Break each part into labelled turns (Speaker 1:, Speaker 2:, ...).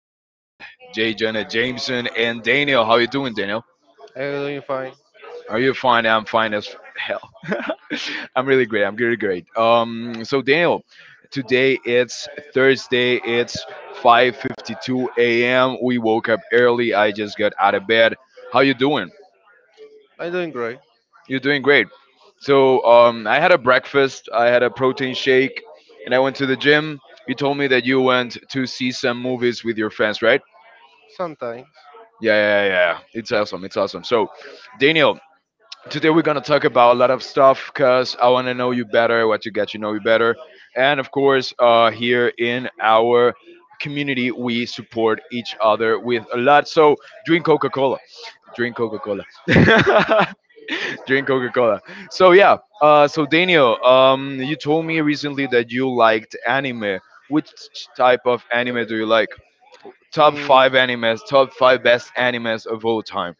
Speaker 1: Jay Jenna Jameson and Daniel. How you doing, Daniel?
Speaker 2: I'm doing fine.
Speaker 1: Are you fine? I'm fine as hell. I'm really great. I'm really great. So Daniel, today it's Thursday. It's 5:52 a.m. We woke up early. I just got out of bed. How you doing?
Speaker 2: I'm doing great.
Speaker 1: You're doing great. So I had a breakfast. I had a protein shake, and I went to the gym. You told me that you went to see some movies with your friends, right?
Speaker 2: Sometimes.
Speaker 1: Yeah, yeah, yeah. Yeah. It's awesome. It's awesome. So, Daniel, today we're gonna talk about a lot of stuff because I want to know you better, what to get to know you better, and of course, here in our community, we support each other with a lot. So, drink Coca Cola. Drink Coca Cola. Drink Coca Cola. So yeah. So Daniel, you told me recently that you liked anime. Which type of anime do you like? Top
Speaker 2: Mm,
Speaker 1: five animes, top five best animes of all time.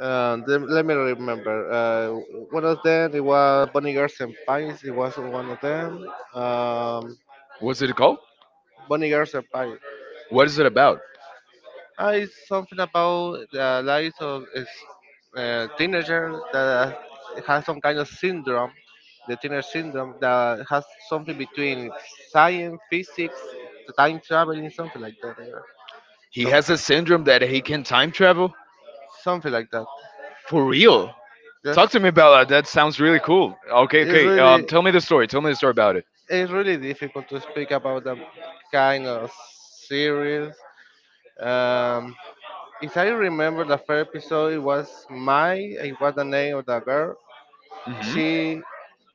Speaker 2: then let me remember. One of them it was Bonnie Girls and Pines. It was one of them. Um,
Speaker 1: What's it called?
Speaker 2: Bonnie Girls and Pines.
Speaker 1: What is it about?
Speaker 2: It's something about the lives of teenagers that has some kind of syndrome, the teenage syndrome that has something between science, physics, time traveling, something like that.
Speaker 1: He
Speaker 2: Some,
Speaker 1: has a syndrome that he can time travel?
Speaker 2: something like that.
Speaker 1: For real? Talk
Speaker 2: Yes.
Speaker 1: to me about that. That sounds really cool. Okay,
Speaker 2: It's
Speaker 1: okay.
Speaker 2: really
Speaker 1: Tell me the story. Tell me the story about it.
Speaker 2: it's really difficult to speak about that kind of series. Um, if I remember the first episode, it was Mai. It was the name of the girl.
Speaker 1: Hmm.
Speaker 2: She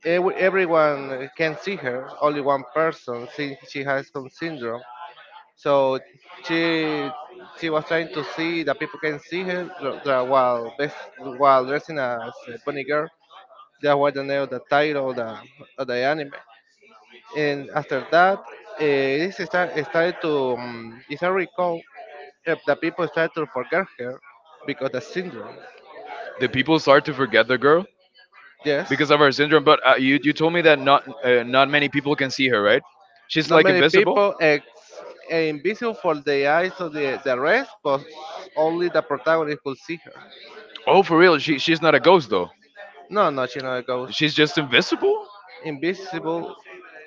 Speaker 2: Everyone can see her, only one person. She has some syndrome, so she she was trying to see that people can see her while dressing as a bunny girl. That was the name of the title of the anime. And after that, this started to, if I recall, the people started to forget her because the syndrome.
Speaker 1: Did people start to forget the girl
Speaker 2: Yes,
Speaker 1: because of her syndrome? But you told me that not not many people can see her, right? She's
Speaker 2: not
Speaker 1: like
Speaker 2: many
Speaker 1: invisible.
Speaker 2: people invisible for the eyes of the rest, but only the protagonist could see her.
Speaker 1: Oh, for real? She's not a ghost though.
Speaker 2: No, no, she not a ghost.
Speaker 1: She's just invisible.
Speaker 2: Invisible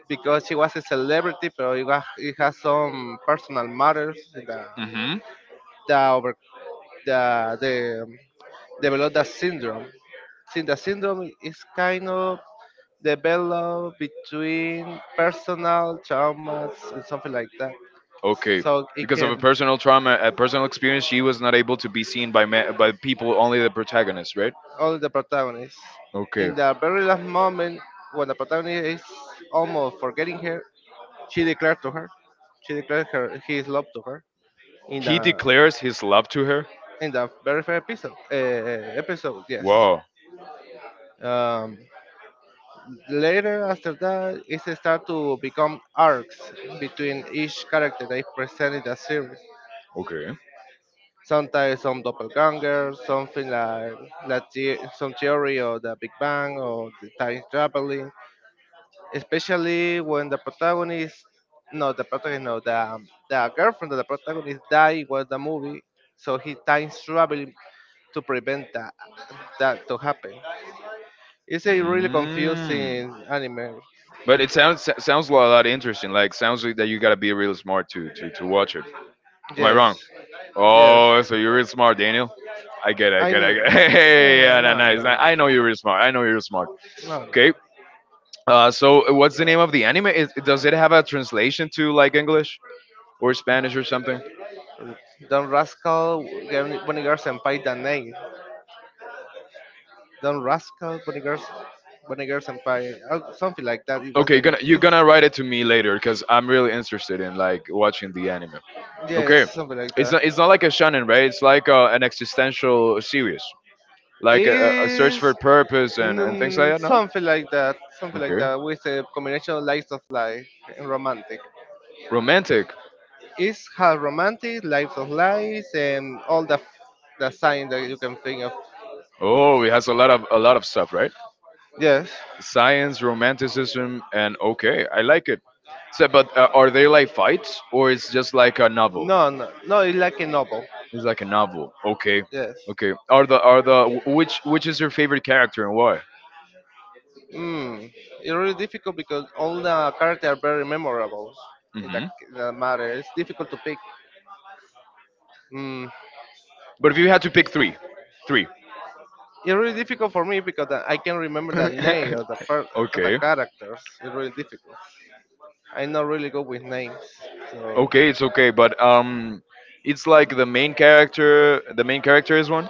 Speaker 2: because she was a celebrity, but it has some personal matters in
Speaker 1: Hmm.
Speaker 2: the over the the develop that syndrome. Since the syndrome is kind of developed between personal traumas and something like that.
Speaker 1: Okay.
Speaker 2: So it
Speaker 1: Because of a
Speaker 2: can
Speaker 1: personal trauma, a personal experience, she was not able to be seen by by people, only the protagonist, right?
Speaker 2: all the protagonists.
Speaker 1: Okay.
Speaker 2: In the very last moment, when the protagonist is almost forgetting her, she declared to her, she declared her his love to her in
Speaker 1: He
Speaker 2: the
Speaker 1: declares his love to her.
Speaker 2: in the very first episode. Episode, yes.
Speaker 1: Wow.
Speaker 2: Um, Later, after that, it start to become arcs between each character they present in the series.
Speaker 1: Okay.
Speaker 2: Sometimes some doppelganger, something like some theory of the Big Bang or the time traveling. Especially when the protagonist, no, the protagonist, no, the girlfriend of the protagonist died was the movie, so he time traveling to prevent that to happen. It's a really
Speaker 1: Mm.
Speaker 2: confusing anime.
Speaker 1: But it sounds a lot interesting. Like sounds like that you gotta be real smart to watch it. Am I wrong?
Speaker 2: Yes. Yes.
Speaker 1: Oh, so you're real smart, Daniel. I get it. I
Speaker 2: I
Speaker 1: get it. I get it.
Speaker 2: know.
Speaker 1: Hey,
Speaker 2: Uh,
Speaker 1: yeah, no,
Speaker 2: no,
Speaker 1: no, it's
Speaker 2: no,
Speaker 1: not- I know you're real smart. I know you're smart.
Speaker 2: no. No.
Speaker 1: Okay. So what's the name of the anime? Does it have a translation to like English? Or Spanish or something?
Speaker 2: Don Rascal, Bunny Girl Senpai, the name. Don Rascal, Bunny Girl, Bunny Girl Senpai, something like that. It was
Speaker 1: Okay,
Speaker 2: the
Speaker 1: you're
Speaker 2: name.
Speaker 1: gonna you're gonna
Speaker 2: It's
Speaker 1: write it to me later because I'm really interested in like watching the anime.
Speaker 2: Yes,
Speaker 1: Okay,
Speaker 2: something like
Speaker 1: it's
Speaker 2: that.
Speaker 1: not it's not like a shonen, right? It's like an existential series, like a search for
Speaker 2: It's
Speaker 1: purpose and things like
Speaker 2: mm,
Speaker 1: that. No,
Speaker 2: something like that. Something like
Speaker 1: okay,
Speaker 2: that with a combination of lights of life and romantic.
Speaker 1: romantic.
Speaker 2: It's how romantic, life of lies, and all the sign that you can think of.
Speaker 1: Oh, it has a lot of stuff, right?
Speaker 2: Yes.
Speaker 1: Science, romanticism, and okay, I like it. So, but are they like fights or it's just like a novel?
Speaker 2: No, no, no. It's like a novel.
Speaker 1: It's like a novel. Okay,
Speaker 2: Yes.
Speaker 1: okay. Are the which is your favorite character and why?
Speaker 2: Mm. It's really difficult because all the characters are very memorable in that,
Speaker 1: Hmm.
Speaker 2: in that matter. It's difficult to pick. Mm.
Speaker 1: But if you had to pick three, three.
Speaker 2: It's really difficult for me because I can remember the name of of the
Speaker 1: Okay,
Speaker 2: characters. It's really difficult. I'm not really good with names, so
Speaker 1: okay, it's okay. But it's like the main character. The main character is one.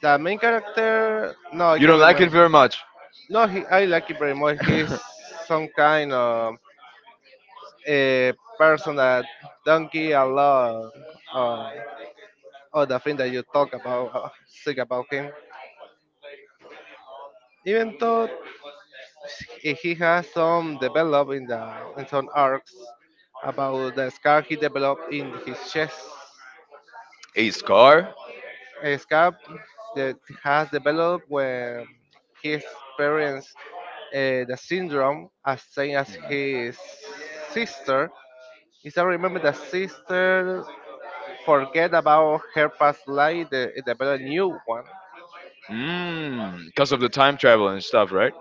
Speaker 2: the main character, no, I
Speaker 1: You
Speaker 2: can
Speaker 1: don't like it very
Speaker 2: remember.
Speaker 1: much.
Speaker 2: No, he, I like it very much. He's some kind of a person that don't give a lot. um, or the friend that you talk about, think about him. Even though he has some develop in some arcs about the scar he developed in his chest,
Speaker 1: A scar?
Speaker 2: a scar that has developed when he experienced the syndrome as same as his sister. Is I remember the sister forget about her past life, develop a new one
Speaker 1: Mmm, because of the time travel and stuff, right?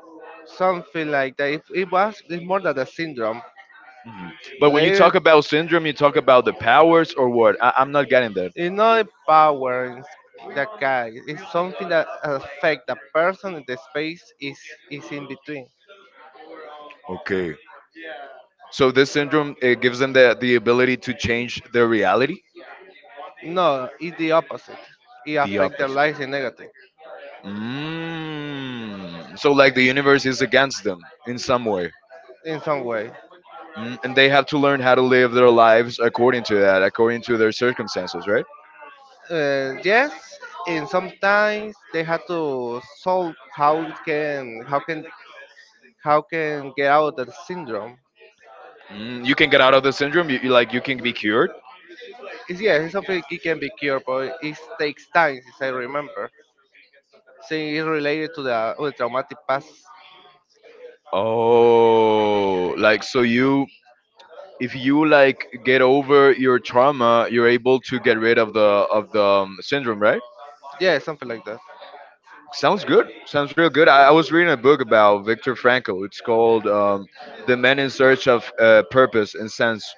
Speaker 2: something like that. It's more than the syndrome.
Speaker 1: But when you
Speaker 2: Later,
Speaker 1: talk about syndrome, you talk about the powers or what? I'm not getting that.
Speaker 2: power in the guy. It's something that affects the person in the space is in between.
Speaker 1: Okay. So this syndrome it gives them the ability to change their reality.
Speaker 2: No, it's the opposite. It
Speaker 1: The
Speaker 2: affects their
Speaker 1: opposite.
Speaker 2: lives in negative,
Speaker 1: Mm. So, like, the universe is against them in some way.
Speaker 2: in some way.
Speaker 1: Mm. And they have to learn how to live their lives according to that, according to their circumstances, right?
Speaker 2: Yes, and sometimes they have to solve how it can how can how can get out of the syndrome.
Speaker 1: Mm. You can get out of the syndrome. You you can be cured.
Speaker 2: Yeah, it's something it can be cured, but it takes time, as I remember. Since it's related to the with traumatic past.
Speaker 1: Oh, like so you if you like get over your trauma, you're able to get rid of the syndrome, right?
Speaker 2: Yeah, something like that.
Speaker 1: Sounds good. Sounds real good. I was reading a book about Viktor Frankl. It's called "The Man in Search of Purpose and Sense."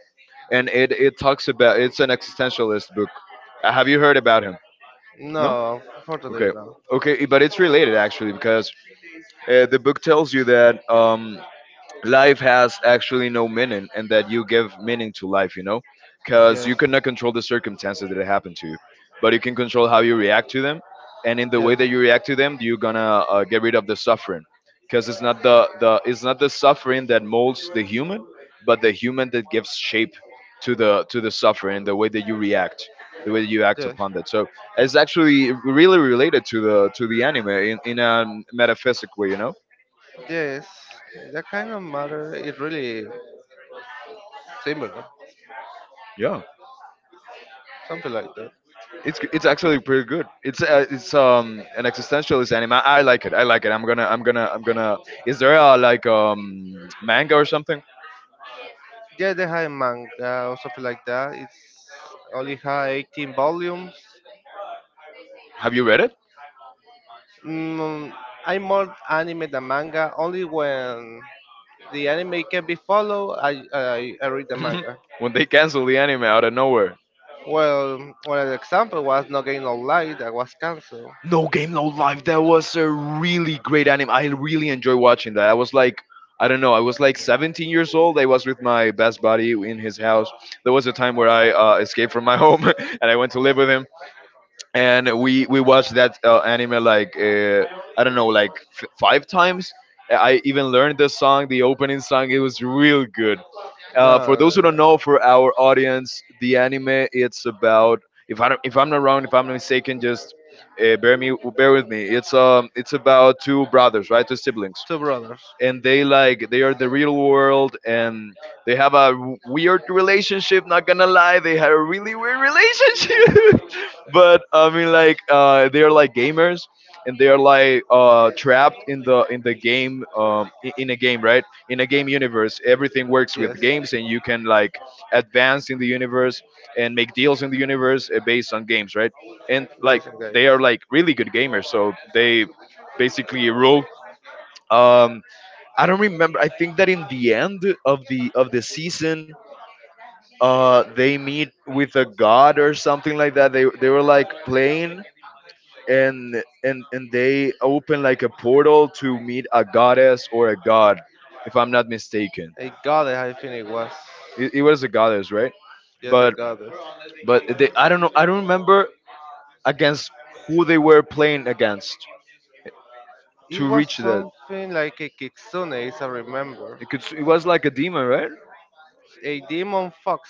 Speaker 1: And it talks about it's an existentialist book. Have you heard about him? No.
Speaker 2: No, unfortunately
Speaker 1: Okay.
Speaker 2: no.
Speaker 1: Okay, but it's related actually because the book tells you that life has actually no meaning and that you give meaning to life, you know? Because
Speaker 2: Yes,
Speaker 1: you cannot control the circumstances that happen to you, but you can control how you react to them. And in the way
Speaker 2: yes,
Speaker 1: that you react to them, you're gonna get rid of the suffering, because it's not the, the it's not the suffering that molds the human, but the human that gives shape to the suffering, the way that you react, the way that you act
Speaker 2: yes,
Speaker 1: upon that. So it's actually really related to the anime in a metaphysic way, you know?
Speaker 2: yes. That kind of matter is really similar,
Speaker 1: Yeah.
Speaker 2: something like that.
Speaker 1: It's actually pretty good. It's an existentialist anime. I like it. I like it. I'm gonna. Is there a like manga or something?
Speaker 2: Yeah, they have manga or something like that. It's only have 18 volumes.
Speaker 1: Have you read it?
Speaker 2: Mm, I'm more anime than manga. Only when the anime can be followed, I read the manga.
Speaker 1: When they cancel the anime out of nowhere.
Speaker 2: Well, an example was No Game No Light that was cancelled.
Speaker 1: No game, no life. That was a really great anime. I really enjoy watching that. I was like, I don't know, I was like 17 years old. I was with my best buddy in his house. There was a time where I escaped from my home and I went to live with him. And we watched that anime like I don't know like five times. I even learned the song, the opening song. It was real good.
Speaker 2: No.
Speaker 1: For those who don't know, for our audience, the anime it's about if I don't, if I'm not wrong, if I'm not mistaken, just bear with me. It's about two brothers, right, two siblings
Speaker 2: Two brothers.
Speaker 1: and they like they are the real world and they have a weird relationship, not gonna lie, they had a really weird relationship. But I mean like they are like gamers and they are like trapped in the game, in a game, right, in a game universe everything works with
Speaker 2: Yes.
Speaker 1: games and you can like advance in the universe and make deals in the universe based on games, right, and like
Speaker 2: Basic guys.
Speaker 1: they are like really good gamers so they basically rule. um, I don't remember. I think that in the end of the season, they meet with a god or something like that. They were like playing and they open like a portal to meet a goddess or a god, if I'm not mistaken.
Speaker 2: I got it. I think it was.
Speaker 1: It was a goddess, right?
Speaker 2: Yes, I
Speaker 1: But
Speaker 2: got
Speaker 1: but they I don't know. I don't remember against who they
Speaker 2: it.
Speaker 1: were playing against
Speaker 2: It
Speaker 1: to reach
Speaker 2: was
Speaker 1: that.
Speaker 2: something like a kitsune, as I remember.
Speaker 1: It could it was like a demon, right?
Speaker 2: A demon fox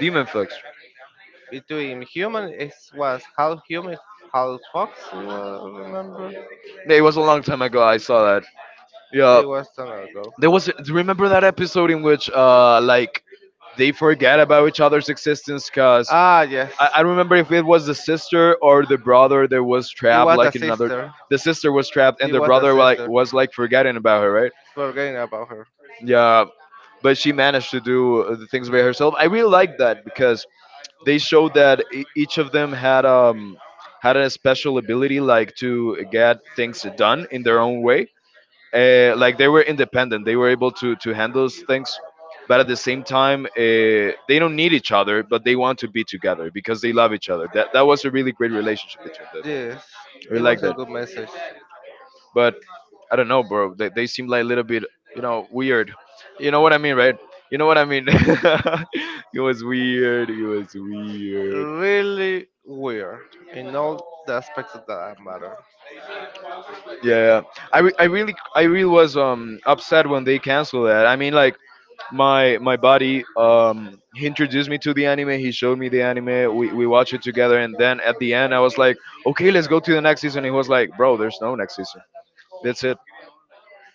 Speaker 1: Demon fucks.
Speaker 2: between human, it was half human, half fox. It was, I remember.
Speaker 1: Yeah, it was a long time ago. I saw that. Yeah,
Speaker 2: It was long ago.
Speaker 1: there was. Do you remember that episode in which, like, they forget about each other's existence? Cause
Speaker 2: Ah, yes.
Speaker 1: I don't remember if it was the sister or the brother that was
Speaker 2: It
Speaker 1: trapped,
Speaker 2: was the
Speaker 1: like in another.
Speaker 2: sister.
Speaker 1: The sister was trapped, and
Speaker 2: It
Speaker 1: the
Speaker 2: was the
Speaker 1: brother like
Speaker 2: sister.
Speaker 1: was like forgetting about her, right?
Speaker 2: Forgetting about her.
Speaker 1: Yeah, but she managed to do the things by herself. I really like that because they showed that each of them had had a special ability, like to get things done in their own way, like they were independent, they were able to handle things but at the same time they don't need each other but they want to be together because they love each other, that that was a really great relationship between them,
Speaker 2: Yes,
Speaker 1: we
Speaker 2: it
Speaker 1: like
Speaker 2: was a
Speaker 1: that.
Speaker 2: good message.
Speaker 1: But I don't know bro, they seem like a little bit, you know, weird, you know what I mean, right? You know what I mean. It was weird, it was weird.
Speaker 2: Really weird in all the aspects of that matter.
Speaker 1: Yeah, yeah. I really, I really was upset when they canceled that. I mean like my buddy, he introduced me to the anime, he showed me the anime, we watched it together and then at the end I was like, okay let's go to the next season, he was like, bro there's no next season, that's it,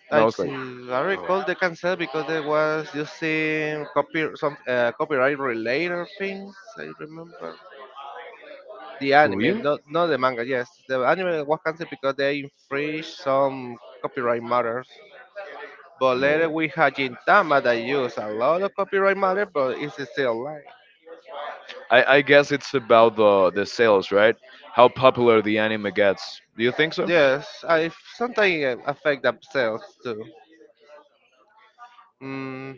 Speaker 1: and I
Speaker 2: I
Speaker 1: was like,
Speaker 2: see. I recall they canceled because they was using copy some copyright related things. I remember the
Speaker 1: for real.
Speaker 2: anime, not the manga. Yes, the anime was canceled because they infringed some copyright matters. But later
Speaker 1: No,
Speaker 2: we had Gintama that used a lot of copyright matter, but it's still alive.
Speaker 1: I I guess it's about the sales, right, how popular the anime gets, do you think so?
Speaker 2: Yes, I sometimes affect themselves too. Mm,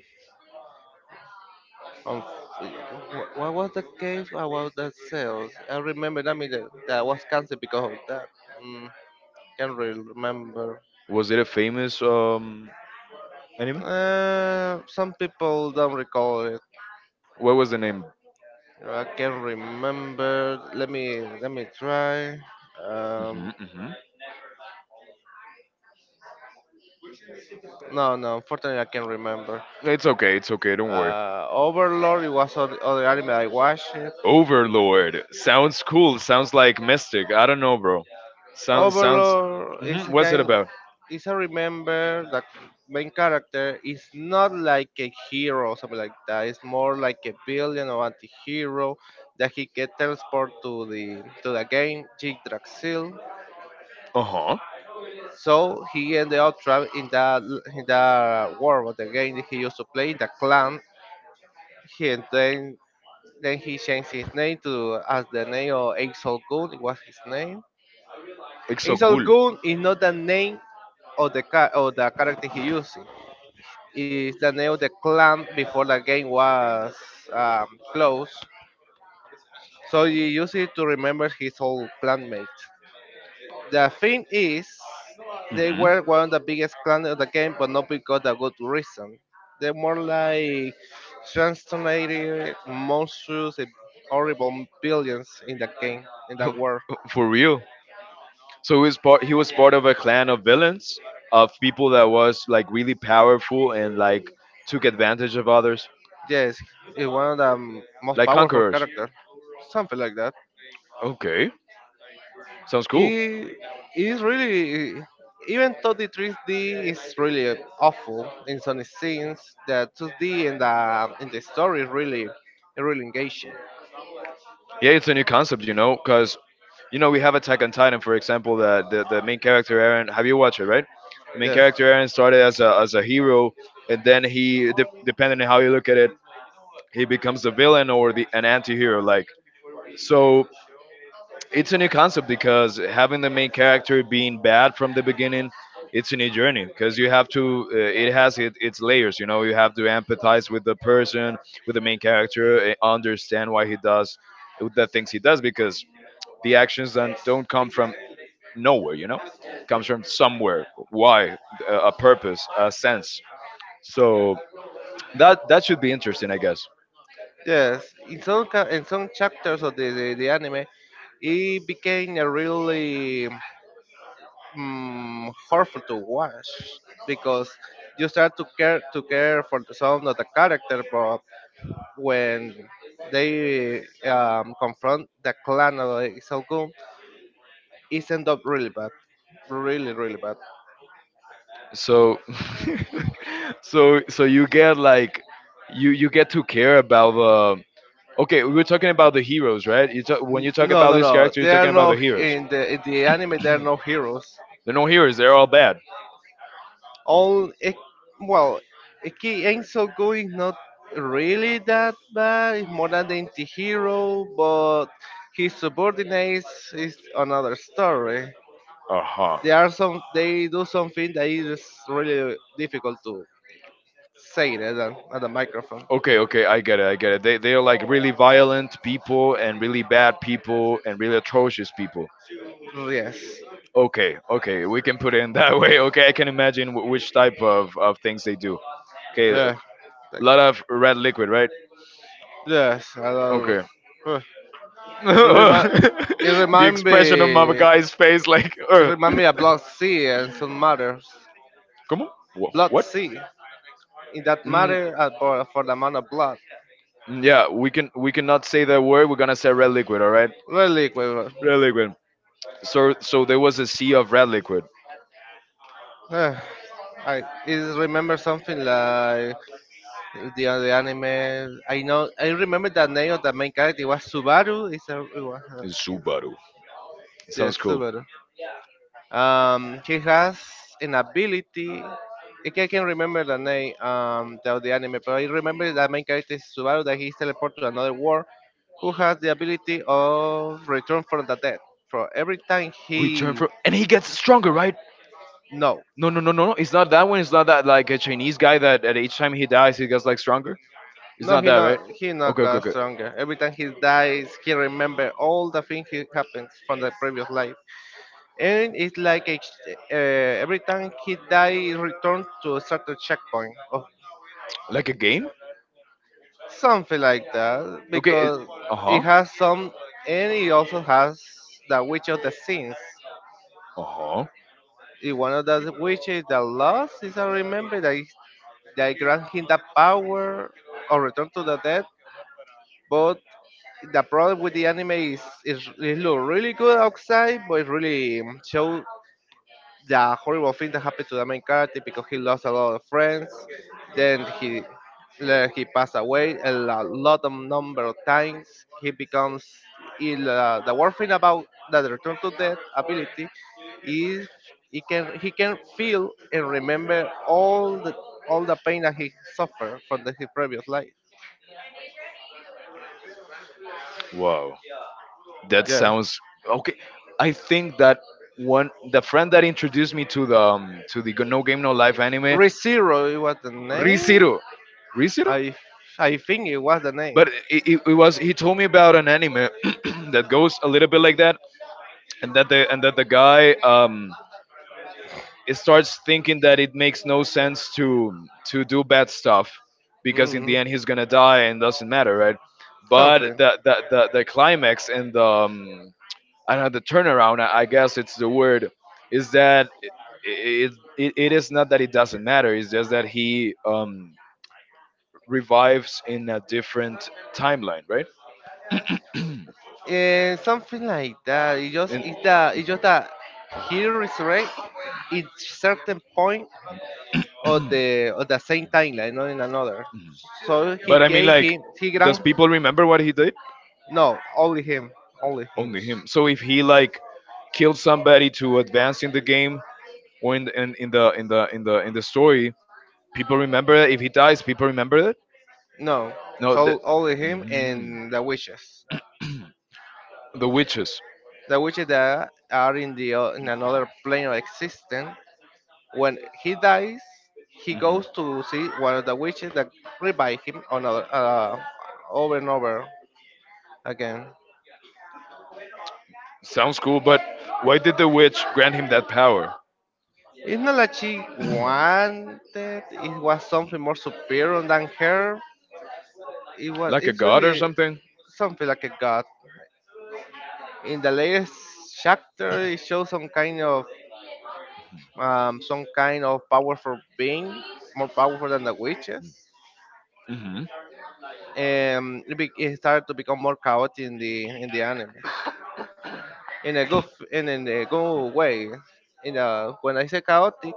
Speaker 2: What was the case about the sales? I remember that, mean, that that was canceled because of that. Mm, can't really remember.
Speaker 1: Was it a famous anime?
Speaker 2: Some people don't recall it.
Speaker 1: What was the name?
Speaker 2: I can't remember. Let me try. Um,
Speaker 1: Hmm. Hmm.
Speaker 2: no, no. Unfortunately, I can't remember.
Speaker 1: It's okay, it's okay, don't worry.
Speaker 2: Overlord. It was other anime I watched.
Speaker 1: Overlord sounds cool. Sounds like mystic. I don't know, bro. Sounds sounds.
Speaker 2: Overlord is
Speaker 1: Hmm.
Speaker 2: a
Speaker 1: What's it
Speaker 2: kind,
Speaker 1: about?
Speaker 2: is a, remember that main character is not like a hero or something like that. It's more like a villain or anti-hero that he can transport to the game Yggdrasil.
Speaker 1: Uh huh.
Speaker 2: So he ended up trapped in that world of the game that he used to play, the clan. He and then he changed his name to as the name of Exol Gun. It was his name.
Speaker 1: It's so
Speaker 2: Exol
Speaker 1: cool.
Speaker 2: Gun is not a name of the car or the character he using. Is the name of the clan before the game was um, closed, so you use it to remember his old clanmate. The thing is, they
Speaker 1: Hmm.
Speaker 2: were one of the biggest clans of the game, but not because of good reason. They're more like transformated monstrous and horrible billions in the game, in the world.
Speaker 1: For real. So he was part. He was part of a clan of villains, of people that was like really powerful and like took advantage of others,
Speaker 2: Yes, he's one of the most
Speaker 1: like
Speaker 2: powerful
Speaker 1: conquerors.
Speaker 2: characters, something like that.
Speaker 1: Okay, sounds cool.
Speaker 2: It is really, even though the 3D is really awful in some scenes, the 2D and the in the story is really really engaging.
Speaker 1: Yeah, it's a new concept, you know, because you know we have Attack on Titan, for example. That the main character Aaron, have you watched it, right? The main
Speaker 2: Yes.
Speaker 1: character Aaron started as a hero, and then he, depending on how you look at it, he becomes the villain or the an anti-hero. Like so, it's a new concept because having the main character being bad from the beginning, it's a new journey because you have to. It has its layers, you know. You have to empathize with the person, with the main character, understand why he does the things he does because the actions don't come from nowhere comes from somewhere, why a purpose, a sense. So that should be interesting, I guess.
Speaker 2: Yes. In some chapters of the anime, it became a really hurtful to watch because you start to care for the sound of the character, but when they confront the clan of the Isogun, it end up really bad, really really bad.
Speaker 1: So so you get like, you get to care about the. Okay, we were talking about the heroes, right? You talk, when you talk
Speaker 2: No,
Speaker 1: about
Speaker 2: no,
Speaker 1: this
Speaker 2: no.
Speaker 1: character,
Speaker 2: They
Speaker 1: you're
Speaker 2: are
Speaker 1: talking about the
Speaker 2: no
Speaker 1: heroes.
Speaker 2: in the anime. They are no heroes.
Speaker 1: They're no heroes, they're all bad.
Speaker 2: All it, well, Eki Go is not really that bad. It's more than the anti-hero, but his subordinates is another story.
Speaker 1: Uh-huh.
Speaker 2: There are some, they do something that is really difficult to say it at the microphone.
Speaker 1: Okay, okay, I get it, I get it. They are like really violent people and really bad people and really atrocious people.
Speaker 2: Yes.
Speaker 1: Okay, okay, we can put it in that way. Okay, I can imagine which type of things they do. Okay, a
Speaker 2: Yeah. Like,
Speaker 1: lot of red liquid, right?
Speaker 2: yes. I love.
Speaker 1: Okay.
Speaker 2: Huh. it, Remi- it
Speaker 1: The
Speaker 2: remind
Speaker 1: expression on my
Speaker 2: me
Speaker 1: guy's face, like,
Speaker 2: it remind me of blood sea and some matters.
Speaker 1: Come on.
Speaker 2: Blood
Speaker 1: What?
Speaker 2: sea in that
Speaker 1: Mm,
Speaker 2: matter and for the amount of blood.
Speaker 1: mm, yeah, we cannot say that word. We're gonna say red liquid. All right.
Speaker 2: Really quick.
Speaker 1: Red liquid. So there was a sea of red liquid
Speaker 2: Uh, I is remember something like the anime. I know I remember the name of the main character. It was Subaru. It's a, it was,
Speaker 1: in
Speaker 2: yes,
Speaker 1: Subaru. Sounds
Speaker 2: yes,
Speaker 1: cool.
Speaker 2: Subaru. He has an ability. I can't remember the name of the anime, but I remember the main character is Subaru that he's teleported to another world who has the ability of return from the dead. For every time
Speaker 1: We turn
Speaker 2: he.
Speaker 1: from, and he gets stronger, right?
Speaker 2: No,
Speaker 1: No, no, no, no, no. It's not that one. It's not that, like a Chinese guy that at each time he dies he gets like stronger. It's
Speaker 2: no,
Speaker 1: not
Speaker 2: he
Speaker 1: that,
Speaker 2: not
Speaker 1: right?
Speaker 2: he not
Speaker 1: Okay, okay,
Speaker 2: got
Speaker 1: okay.
Speaker 2: stronger. Every time he dies, he remember all the things he happens from the previous life, and it's like every time he dies, return to a certain checkpoint or
Speaker 1: Like a game?
Speaker 2: something like that
Speaker 1: Okay.
Speaker 2: because
Speaker 1: Uh huh.
Speaker 2: it has some, and it also has the witch of the sins.
Speaker 1: Uh huh.
Speaker 2: It one of the witches that lost is I remember that they grant him the power or return to the dead, but the problem with the anime is it look really good outside, but it really show the horrible thing that happened to the main character because he lost a lot of friends. Then he then he passed away a lot of number of times. He becomes ill. The worst thing about the return to death ability is he can feel and remember all the pain that he suffered from his previous life.
Speaker 1: Wow. That
Speaker 2: Yeah,
Speaker 1: sounds okay. I think that one, the friend that introduced me to the No Game No Life anime,
Speaker 2: ReZero was the
Speaker 1: Rizuru.
Speaker 2: name.
Speaker 1: Rizuru?
Speaker 2: I I think it was the name.
Speaker 1: But it was he told me about an anime that goes a little bit like that, and that the guy it starts thinking that it makes no sense to do bad stuff because in
Speaker 2: hmm
Speaker 1: the end he's gonna die and doesn't matter, right? But
Speaker 2: Something.
Speaker 1: the climax and the I don't know, the turnaround, I guess it's the word, is that it is not that it doesn't matter. It's just that he revives in a different timeline, right?
Speaker 2: Yeah, something like that. It just
Speaker 1: And
Speaker 2: it's that it's just that he resurrect at certain point of the same timeline, not in another. So he
Speaker 1: but I mean,
Speaker 2: gave
Speaker 1: like,
Speaker 2: him he
Speaker 1: does
Speaker 2: grant.
Speaker 1: people remember what he did?
Speaker 2: No, only him. Only him.
Speaker 1: Only him. So if he like killed somebody to advance in the game, or in the in the in the in the story, people remember it. If he dies, people remember it.
Speaker 2: No.
Speaker 1: No, the
Speaker 2: So only him
Speaker 1: mm,
Speaker 2: and the witches.
Speaker 1: the witches.
Speaker 2: The witches that are in the in another plane of existence. When he dies, he
Speaker 1: Mhm.
Speaker 2: goes to see one of the witches that revive him another, over and over again.
Speaker 1: Sounds cool, but why did the witch grant him that power?
Speaker 2: It's not like she wanted. It was something more superior than her. It was.
Speaker 1: Like a
Speaker 2: It's
Speaker 1: god or
Speaker 2: really
Speaker 1: something.
Speaker 2: something like a god. In the latest chapter, it shows some kind of powerful being, more powerful than the witches.
Speaker 1: Hmm.
Speaker 2: And it started to become more chaotic in the anime. In a good way. In a, when I say chaotic,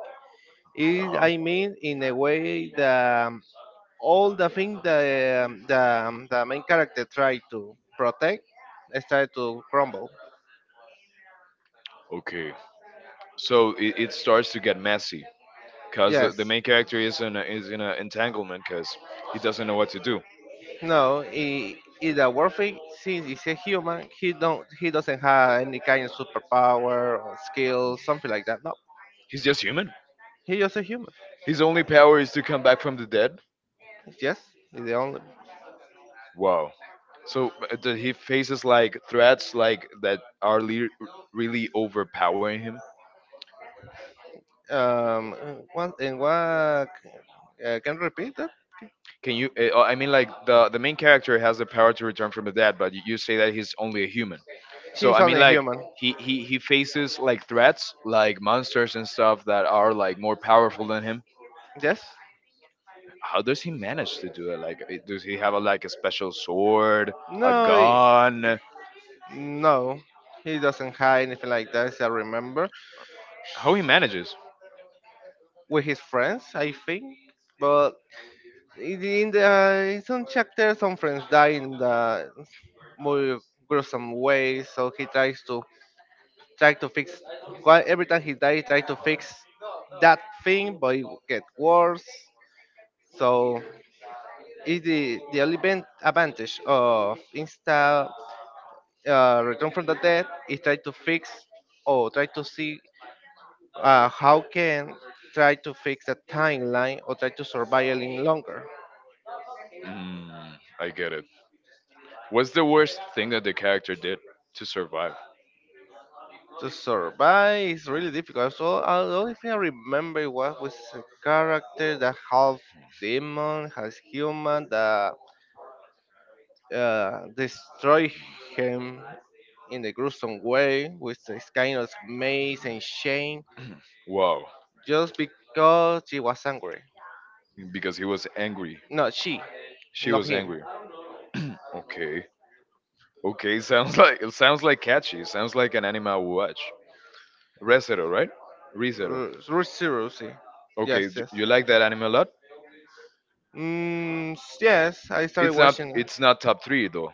Speaker 2: is
Speaker 1: Uh-huh.
Speaker 2: I mean in a way that all the things that the main character tried to protect started to crumble.
Speaker 1: Okay, so it starts to get messy because the
Speaker 2: Yes.
Speaker 1: main character is is in an entanglement because he doesn't know what to do.
Speaker 2: No. He, in the Warfig, since he's a human, he doesn't have any kind of superpower or skill, something like that. No,
Speaker 1: He's just human.
Speaker 2: he's just a human.
Speaker 1: His only power is to come back from the dead.
Speaker 2: Yes, he's the only.
Speaker 1: Wow. So that he faces like threats like that are really overpowering him.
Speaker 2: One and what, can you repeat that?
Speaker 1: Can you? Oh, I mean, like the main character has the power to return from the dead, but you say that he's only a human. So
Speaker 2: He's
Speaker 1: I mean,
Speaker 2: only
Speaker 1: like
Speaker 2: human.
Speaker 1: he faces like threats like monsters and stuff that are like more powerful than him.
Speaker 2: Yes?
Speaker 1: How does he manage to do it? Like, eh, does he have like a special sword, a
Speaker 2: No, he-
Speaker 1: gun?
Speaker 2: no. He doesn't have anything like that, as I remember.
Speaker 1: How he manages?
Speaker 2: With his friends, I think. But in the in some chapters, some friends die in the more gruesome way. So he tries to try to fix. Every time he dies, he tries to fix that thing, but it get worse. So it's the the only advantage of Insta, Return from the Dead is try to fix or try to see, how can, try to fix the timeline or try to survive a little longer.
Speaker 1: Mm, I get it. What's the worst thing that the character did to survive?
Speaker 2: To survive is really difficult. So the only thing I remember, it was a character that half demon, half human that, destroy him in a gruesome way with this kind of maze and shame
Speaker 1: Wow,
Speaker 2: just because she was angry.
Speaker 1: because he was angry.
Speaker 2: No, she,
Speaker 1: She
Speaker 2: not
Speaker 1: was
Speaker 2: him.
Speaker 1: angry. Okay, okay. Sounds like, it sounds like catchy. Sounds like an anime I would watch. Resero, right? Resero.
Speaker 2: Rusi.
Speaker 1: Okay,
Speaker 2: Yes, yes.
Speaker 1: you like that anime a lot?
Speaker 2: Yes, I started
Speaker 1: It's not,
Speaker 2: watching it.
Speaker 1: it's not top three though.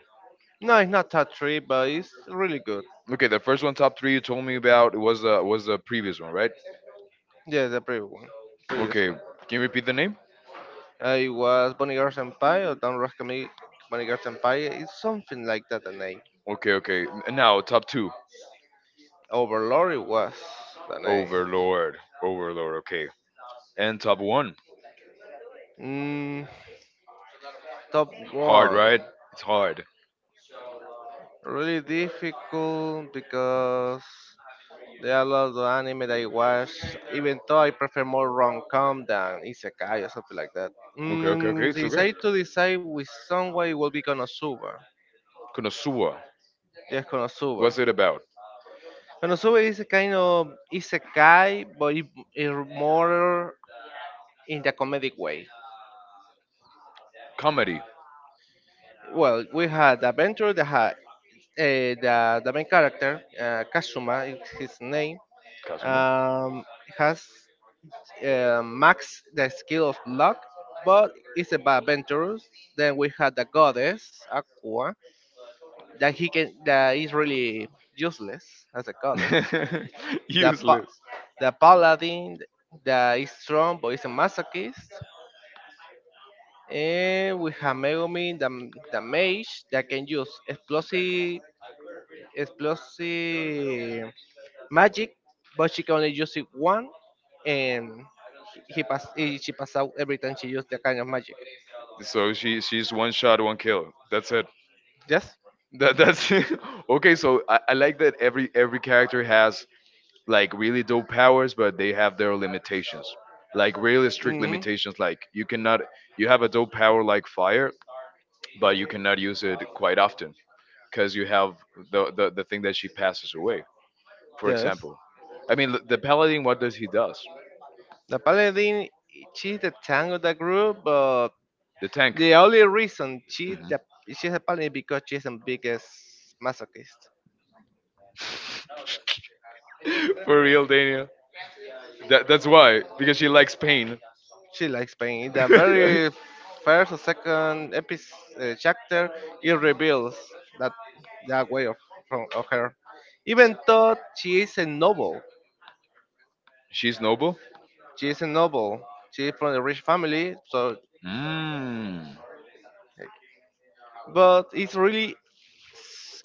Speaker 2: No, it's not top three, but it's really good.
Speaker 1: Okay, the first one top three you told me about was the previous one, right?
Speaker 2: Yeah, the previous one. Previous
Speaker 1: Okay,
Speaker 2: one.
Speaker 1: can you repeat the name?
Speaker 2: It was Bonnie Girl Senpai or Don't Rock Me Bonnie Girl Senpai. It's something like that, the name.
Speaker 1: Okay, okay. Now top two.
Speaker 2: Overlord it was the name.
Speaker 1: Overlord. Overlord, okay. And top one.
Speaker 2: Mm, top
Speaker 1: Hard,
Speaker 2: one.
Speaker 1: right? It's hard.
Speaker 2: Really difficult because there are lots of anime that I watch, even though I prefer more rom-com than isekai or something like that.
Speaker 1: Okay, okay, okay,
Speaker 2: Mm,
Speaker 1: it's
Speaker 2: if
Speaker 1: okay.
Speaker 2: I to decide with someone, it will be Konosuba.
Speaker 1: Konosuba.
Speaker 2: Yes, Konosuba.
Speaker 1: What's it about?
Speaker 2: Konosuba is a kind of isekai, but it more in the comedic way.
Speaker 1: Comedy.
Speaker 2: Well, we had the adventure, the, ha- eh, the main character, Kazuma is his name,
Speaker 1: Kazumu?
Speaker 2: um, has, max the skill of luck, but it's about adventurous. Then we had the goddess Aqua that he can that is really useless as a goddess. The pa-
Speaker 1: Useless.
Speaker 2: the paladin that is strong but is a masochist. And we have Megumi, the mage that can use explosive explosive magic, but she can only use it one, and she pass out every time she used that kind of magic.
Speaker 1: So she she's one shot, one kill. That's it.
Speaker 2: Yes.
Speaker 1: That's okay. So I like that every character has like really dope powers, but they have their limitations. Like really strict
Speaker 2: Hmm.
Speaker 1: limitations. Like you cannot, you have a dope power like fire, but you cannot use it quite often because you have the thing that she passes away. For
Speaker 2: Yes.
Speaker 1: example, I mean, the paladin. What does he does?
Speaker 2: The paladin, she's the tank of the group, but
Speaker 1: The tank.
Speaker 2: the only reason she's
Speaker 1: Mhm.
Speaker 2: the she's a paladin because she's the biggest masochist.
Speaker 1: For real, Daniel. That's why, because she likes pain.
Speaker 2: She likes pain. In the very first or second episode, chapter, it reveals that that way of from of her. Even though she is a noble,
Speaker 1: She's noble.
Speaker 2: she is a noble. She's from a rich family, so,
Speaker 1: Mm.
Speaker 2: but it's really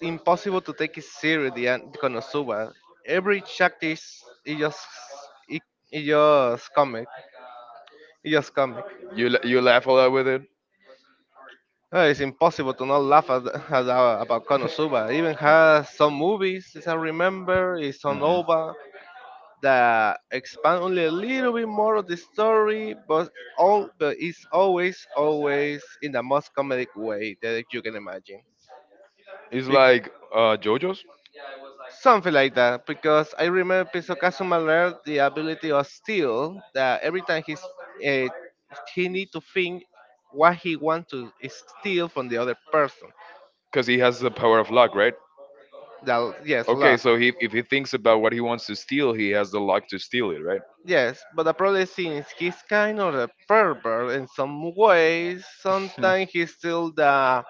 Speaker 2: impossible to take it seriously and Konosuba. Every chapter is it, it just comic. It just comic.
Speaker 1: You you laugh a lot with it.
Speaker 2: It's impossible to not laugh at, about Konosuba. It even has some movies, as I remember, it's on
Speaker 1: Hmm.
Speaker 2: OVA that expand only a little bit more of the story, but all but it's always always in the most comedic way that you can imagine.
Speaker 1: It's like JoJo's.
Speaker 2: Something like that, because I remember Pizzo Kazuma learned the ability of steel that every time he's, uh, he need to think what he want to steal from the other person.
Speaker 1: Because he has the power of luck, right?
Speaker 2: That yes,
Speaker 1: Okay,
Speaker 2: luck.
Speaker 1: so if he thinks about what he wants to steal, he has the luck to steal it, right?
Speaker 2: Yes, but the problem is since he's kind of a pervert in some ways, sometimes he's still the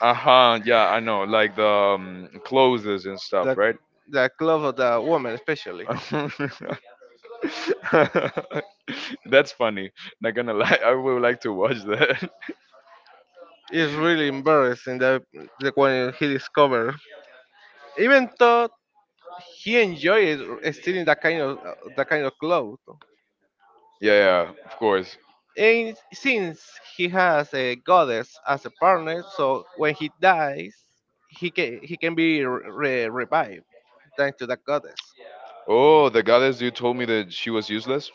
Speaker 1: Uh huh. Yeah, I know. Like the clothes and
Speaker 2: the
Speaker 1: stuff, right?
Speaker 2: glove of the woman, especially.
Speaker 1: That's funny. Not gonna lie, I would like to watch that.
Speaker 2: It's really embarrassing that the when he discovered. Even though he enjoys stealing that kind of clothes.
Speaker 1: Yeah, yeah, of course.
Speaker 2: And since he has a goddess as a partner, so when he dies, he can be revived thanks to that goddess.
Speaker 1: Oh, the goddess you told me that she was useless.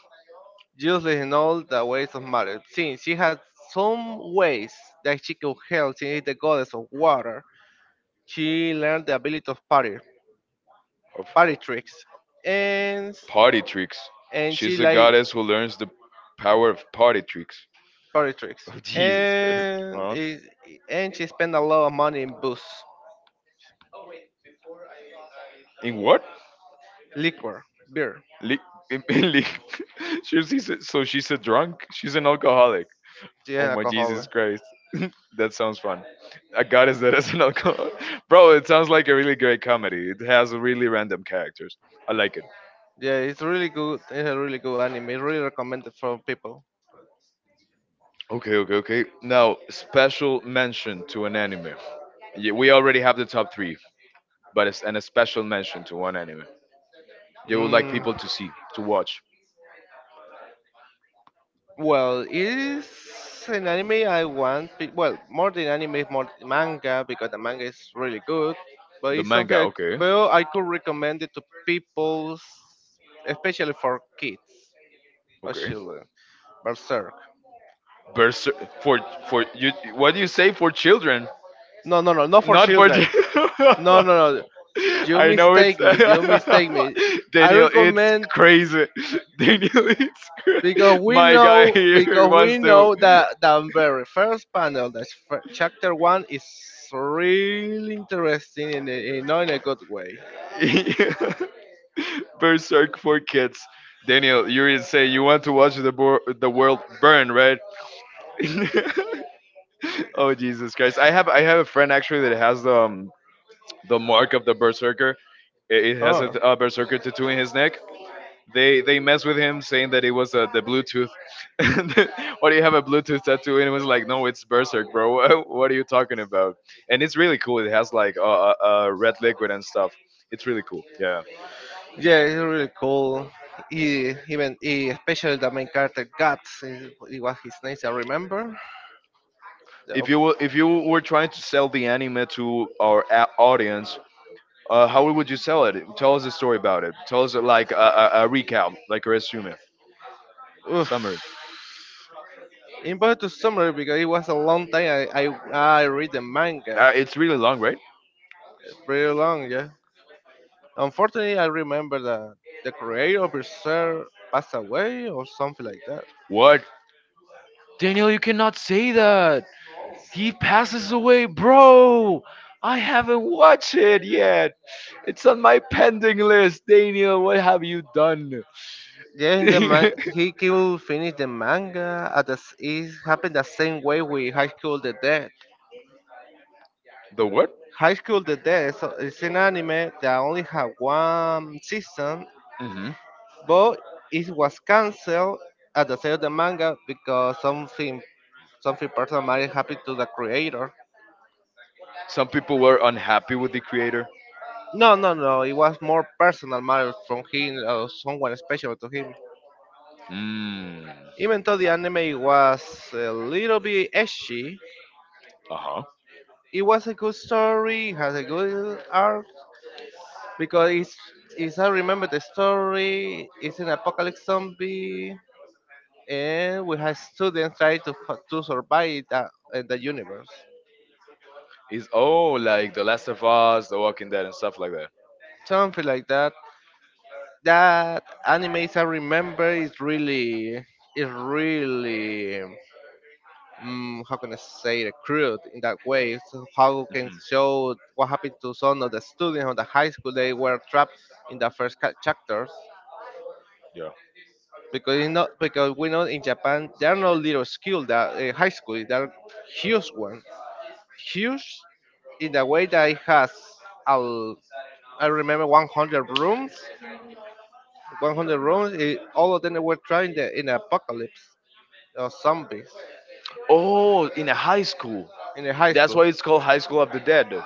Speaker 2: Useless in all the ways of matter, since she has some ways that she can help. She is the goddess of water. She learned the ability of party
Speaker 1: Of
Speaker 2: party tricks, and
Speaker 1: party tricks.
Speaker 2: and she
Speaker 1: She's a
Speaker 2: like
Speaker 1: goddess who learns the power of party tricks.
Speaker 2: party tricks,
Speaker 1: Oh, Jesus Christ.
Speaker 2: and
Speaker 1: Huh?
Speaker 2: it, and she spent a lot of money in booze,
Speaker 1: In what?
Speaker 2: liquor, beer,
Speaker 1: Lick, in lick. She's a so she's a drunk? She's an alcoholic. Oh
Speaker 2: yeah,
Speaker 1: my Jesus
Speaker 2: alcohol.
Speaker 1: Christ. That sounds fun. I got is that as an alcoholic. Bro, it sounds like a really great comedy. It has really random characters. I like it.
Speaker 2: Yeah, it's really good. It's a really good anime. It's really recommended for people.
Speaker 1: Okay, okay, okay. Now, special mention to an anime. Yeah, we already have the top three, but it's and a special mention to one anime they would like
Speaker 2: Mm,
Speaker 1: people to see, to watch.
Speaker 2: well, it is an anime I want. Well, more than anime, it's more manga because the manga is really good. But
Speaker 1: The
Speaker 2: it's something
Speaker 1: manga,
Speaker 2: I,
Speaker 1: okay,
Speaker 2: well I could recommend it to people, especially for kids or
Speaker 1: okay.
Speaker 2: children. Berserk.
Speaker 1: Berserk, for you. What do you say for children?
Speaker 2: No, no, no, not for
Speaker 1: Not for
Speaker 2: children. No, no, no. You
Speaker 1: I know it's
Speaker 2: mistake me. You mistake me. I
Speaker 1: Daniel. It's
Speaker 2: recommend
Speaker 1: crazy. Daniel, it's
Speaker 2: because we
Speaker 1: my guy
Speaker 2: know,
Speaker 1: here
Speaker 2: because
Speaker 1: wants
Speaker 2: we
Speaker 1: to
Speaker 2: know that the very first panel, that chapter one, is really interesting in a, in a good way.
Speaker 1: berserk for kids. Daniel, you didn't say you want to watch the world burn, right? Oh, Jesus Christ! I have a friend actually that has the mark of the berserker. It has
Speaker 2: Oh,
Speaker 1: a berserker tattoo in his neck. They mess with him saying that it was the Bluetooth. And why do you have a Bluetooth tattoo? And it was like, no, it's Berserk, bro. What are you talking about? And it's really cool. It has like uh, red liquid and stuff. It's really cool. Yeah.
Speaker 2: yeah, it's really cool. Especially the main character Guts, is- it was his name, I remember. The,
Speaker 1: If you were trying to sell the anime to our audience, how would you sell it? Tell us a story about it. Tell us like a recap, like a resume,
Speaker 2: oof.
Speaker 1: summary.
Speaker 2: Important to summary because it was a long time I read the manga,
Speaker 1: It's really long, right?
Speaker 2: pretty long, yeah. Unfortunately, I remember that the creator of Berserk passed away or something like that.
Speaker 1: What? Daniel, you cannot say that. He passes away, bro. I haven't watched it yet. It's on my pending list. Daniel, what have you done?
Speaker 2: Yeah, in the
Speaker 1: The
Speaker 2: man- he could finish the manga at the s- it happened the same way with High School the Dead.
Speaker 1: what?
Speaker 2: High School the Dead is an anime that only had one season,
Speaker 1: Hmm.
Speaker 2: but it was cancelled at the sale of the manga because something something personal matter happened to the creator.
Speaker 1: Some people were unhappy with the creator.
Speaker 2: No, no, no. It was more personal matter from him or someone special to him.
Speaker 1: Mm.
Speaker 2: Even though the anime was a little bit edgy,
Speaker 1: Uh huh.
Speaker 2: it was a good story, has a good art, because it's I remember the story, it's an apocalypse zombie, and we have students try to, to survive that, in the universe.
Speaker 1: Is oh like The Last of Us, The Walking Dead, and stuff like that.
Speaker 2: Something like that. That animes I remember is really, is really, mm, how can I say it, crude in that way. So how can
Speaker 1: Mhm.
Speaker 2: show what happened to some of the students on the high school they were trapped in the first chapters,
Speaker 1: Yeah.
Speaker 2: because you know, because we know in Japan there are no little school that, high school there are huge ones, huge in the way that it has Al, I remember 100 rooms, 100 rooms, eh, all of them were trying the in the apocalypse or zombies
Speaker 1: Oh, in a high school.
Speaker 2: in the high
Speaker 1: That's why
Speaker 2: school.
Speaker 1: it's called High School of the Dead.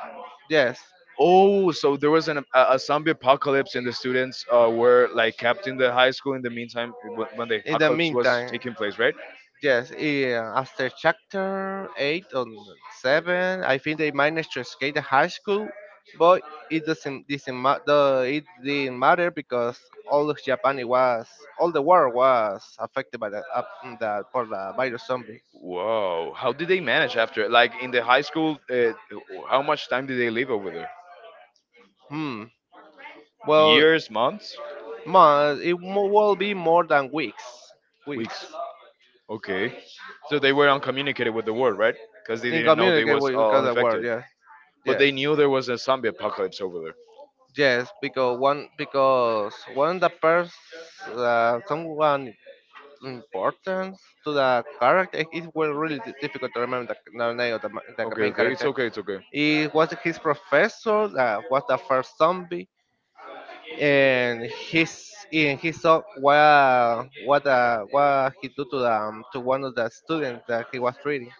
Speaker 2: Yes,
Speaker 1: Oh, so there was an a zombie apocalypse, and the students were like kept in the high school in the meantime when the
Speaker 2: in the
Speaker 1: apocalypse was
Speaker 2: meantime.
Speaker 1: taking place, right?
Speaker 2: Yes, yeah, after chapter 8 or 7, I think they managed to escape the high school, but it doesn't ma- the, it didn't matter because all of Japan it was, all the world was affected by for the virus zombie.
Speaker 1: Whoa! How did they manage after? Like in the high school, how much time did they live over there?
Speaker 2: Hmm. Well,
Speaker 1: Years, months,
Speaker 2: ma, it mo- will be more than weeks. Weeks.
Speaker 1: weeks. Okay, so they were uncommunicated with the world, right? Because they didn't know they
Speaker 2: Incommunicate
Speaker 1: was
Speaker 2: with- because
Speaker 1: all
Speaker 2: the world.
Speaker 1: infected,
Speaker 2: Yeah.
Speaker 1: but
Speaker 2: Yes.
Speaker 1: they knew there was a zombie apocalypse over there.
Speaker 2: Yes, because one, because one the person, someone importance to the character. It was really difficult to remember the name of the, the
Speaker 1: Okay,
Speaker 2: main
Speaker 1: okay, it's
Speaker 2: character.
Speaker 1: okay, it's okay.
Speaker 2: It was his professor that was the first zombie, and his and he saw what, what he do to the to one of the students that he was treating.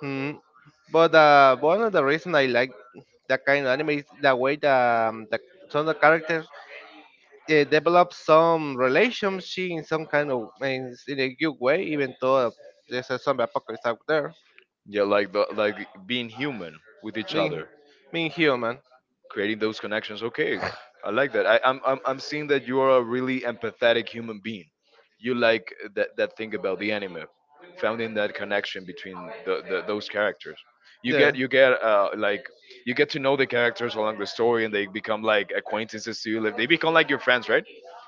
Speaker 2: Hmm. But one of the reason I like that kind of anime is the way the some of the characters, develop some relationship in some kind of in a good way, even though there's a zombie apocalypse out there.
Speaker 1: Yeah, like the like being human with each
Speaker 2: Being
Speaker 1: other,
Speaker 2: being human,
Speaker 1: creating those connections. Okay, I like that. I, I'm seeing that you are a really empathetic human being. You like that that thing about the anime, finding that connection between the those characters.
Speaker 2: yeah,
Speaker 1: You get like you get to know the characters along the story, and they become like acquaintances to you. Like they become like your friends, right?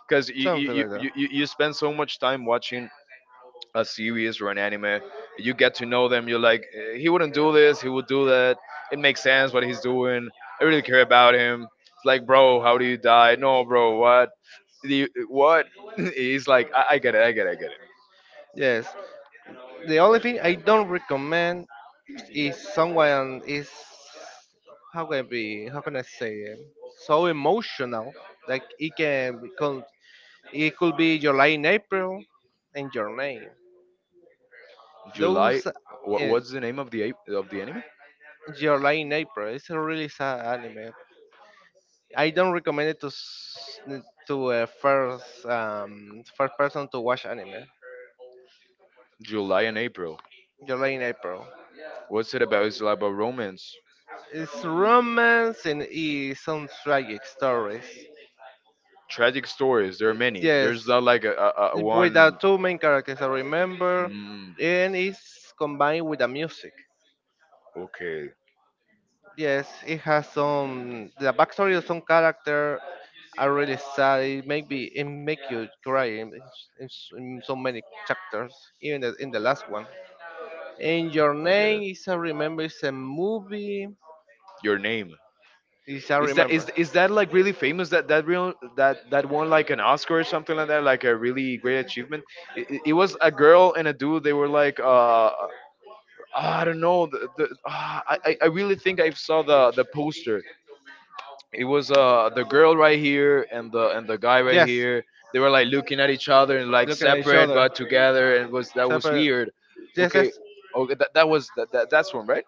Speaker 1: Because you you,
Speaker 2: something
Speaker 1: you
Speaker 2: like that.
Speaker 1: you you you spend so much time watching a series or an anime. You get to know them. You're like, "Eh, he wouldn't do this. He would do that. It makes sense what he's doing. I really care about him. It's like, bro, how do you die? No, bro, what? Do you, what?" He's like, I get it. I get it. I get it.
Speaker 2: Yes. The only thing I don't recommend is someone is how can I be, how can I say it, so emotional, like it can become, it could be July in April and your name.
Speaker 1: July.
Speaker 2: Those,
Speaker 1: What, what's the name of the of the anime?
Speaker 2: July in April. It's a really sad anime. I don't recommend it to to a first first person to watch anime.
Speaker 1: July and April.
Speaker 2: July in April.
Speaker 1: What's it about? It's about romance.
Speaker 2: It's romance and it's some tragic stories.
Speaker 1: Tragic stories. There are many.
Speaker 2: Yes,
Speaker 1: There's not like a
Speaker 2: with the
Speaker 1: one.
Speaker 2: two main characters I remember,
Speaker 1: Mm,
Speaker 2: and it's combined with the music.
Speaker 1: okay,
Speaker 2: Yes, it has some the backstory of some character are really sad. It make be it make you cry in so many chapters, even the, in the last one. And your
Speaker 1: I get
Speaker 2: name
Speaker 1: it.
Speaker 2: is I remember it's a movie.
Speaker 1: Your name.
Speaker 2: Is I
Speaker 1: Is that
Speaker 2: remember.
Speaker 1: is that like really famous? That that won like an Oscar or something like that. Like a really great achievement. It was a girl and a dude. They were like I don't know. The, ah, I really think I saw the poster. It was the girl right here and the guy right
Speaker 2: Yes.
Speaker 1: here. They were like looking at each other and like
Speaker 2: Looking at each
Speaker 1: separate
Speaker 2: other.
Speaker 1: but together, and it was that
Speaker 2: So,
Speaker 1: was
Speaker 2: but-
Speaker 1: weird.
Speaker 2: yes,
Speaker 1: Okay,
Speaker 2: yes.
Speaker 1: okay, that that's one, right?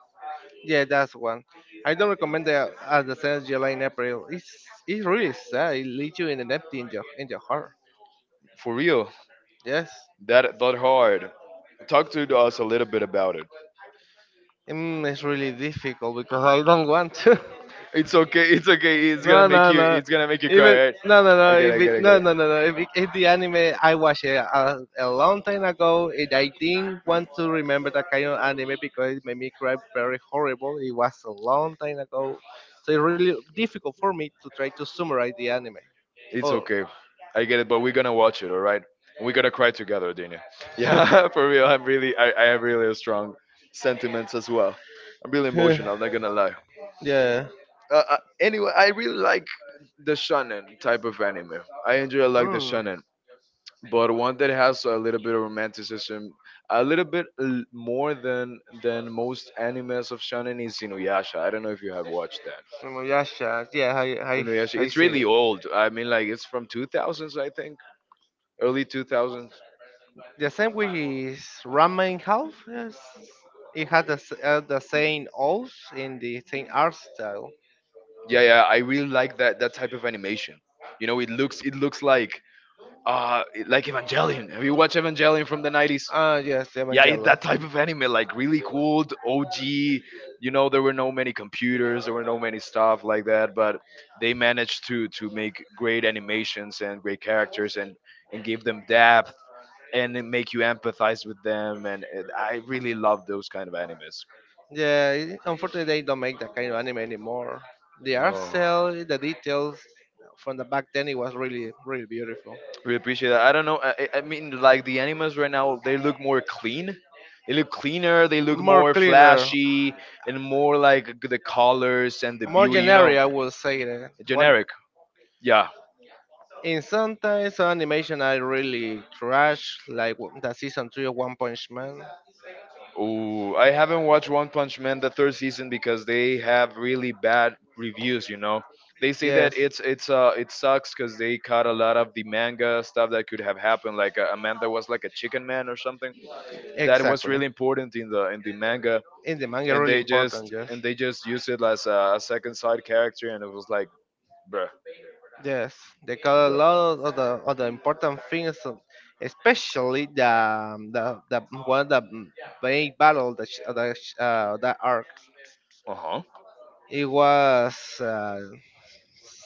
Speaker 2: Yeah, that's one. I don't recommend the at the sense July and April. It's really sad. It leaves you in an empty in your heart.
Speaker 1: For real.
Speaker 2: Yes.
Speaker 1: That, that hard. Talk to us a little bit about it.
Speaker 2: Mm, it's really difficult because I don't want to.
Speaker 1: It's okay, it's okay. It's gonna
Speaker 2: No,
Speaker 1: make
Speaker 2: no,
Speaker 1: you,
Speaker 2: no.
Speaker 1: it's gonna make you
Speaker 2: Even
Speaker 1: cry, right?
Speaker 2: no, no, no. If it,
Speaker 1: I get
Speaker 2: no,
Speaker 1: it.
Speaker 2: no, no, no. If, it, if the anime I watched it a long time ago, and I didn't want to remember that kind of anime because it made me cry very horrible. It was a long time ago, so it's really difficult for me to try to summarize the anime.
Speaker 1: It's
Speaker 2: Oh,
Speaker 1: okay. I get it, but we're gonna watch it, all right? We're gonna cry together, Daniel. Yeah, for real. I'm really, I have really strong sentiments as well. I'm really emotional. Not gonna lie.
Speaker 2: yeah.
Speaker 1: Anyway, I really like the shonen type of anime. I enjoy like the
Speaker 2: Mm.
Speaker 1: shonen, but one that has a little bit of romanticism, a little bit more than most animes of shonen is Inuyasha. I don't know if you have watched that.
Speaker 2: Inuyasha. Yeah,
Speaker 1: Inuyasha.
Speaker 2: I
Speaker 1: It's
Speaker 2: see
Speaker 1: really
Speaker 2: it.
Speaker 1: old. I mean, like it's from 2000s, I think, early 2000s.
Speaker 2: The same with Ramen Half. Yes. It has the same oath in the same art style.
Speaker 1: Yeah, yeah, I really like that, that type of animation. You know, it looks, it looks like like Evangelion. Have you watched Evangelion from the 90s?
Speaker 2: Ah, yes,
Speaker 1: Yeah,
Speaker 2: Evangelion.
Speaker 1: that type of anime, like really cool, the OG. You know, there were no many computers, there were no many stuff like that, but they managed to make great animations and great characters, and give them depth, and then make you empathize with them, and I really love those kind of animes.
Speaker 2: Unfortunately, they don't make that kind of anime anymore. The art
Speaker 1: No.
Speaker 2: style, the details from the back then, it was really, really beautiful.
Speaker 1: We appreciate that. I don't know. I mean, like the animals right now, they look more clean. They look cleaner. They look
Speaker 2: More
Speaker 1: more
Speaker 2: cleaner,
Speaker 1: flashy and more like the colors and the
Speaker 2: more
Speaker 1: beauty. You
Speaker 2: generic,
Speaker 1: know,
Speaker 2: I would say. That. One,
Speaker 1: generic. Yeah.
Speaker 2: and sometimes some animation I really trash, like the season three of One Punch Man.
Speaker 1: Ooh, I haven't watched One Punch Man the third season because they have really bad reviews. You know, they say
Speaker 2: Yes,
Speaker 1: that it's it sucks because they cut a lot of the manga stuff that could have happened. Like a man that was like a chicken man or something that was
Speaker 2: exactly.
Speaker 1: really important in the manga,
Speaker 2: In the manga,
Speaker 1: and
Speaker 2: really
Speaker 1: they
Speaker 2: important.
Speaker 1: just,
Speaker 2: Yes,
Speaker 1: and they just used it as a second side character, and it was like, bruh,
Speaker 2: yes. They cut a
Speaker 1: bruh.
Speaker 2: lot of the important things, especially the one of the main battle that that arc.
Speaker 1: Uh huh.
Speaker 2: It was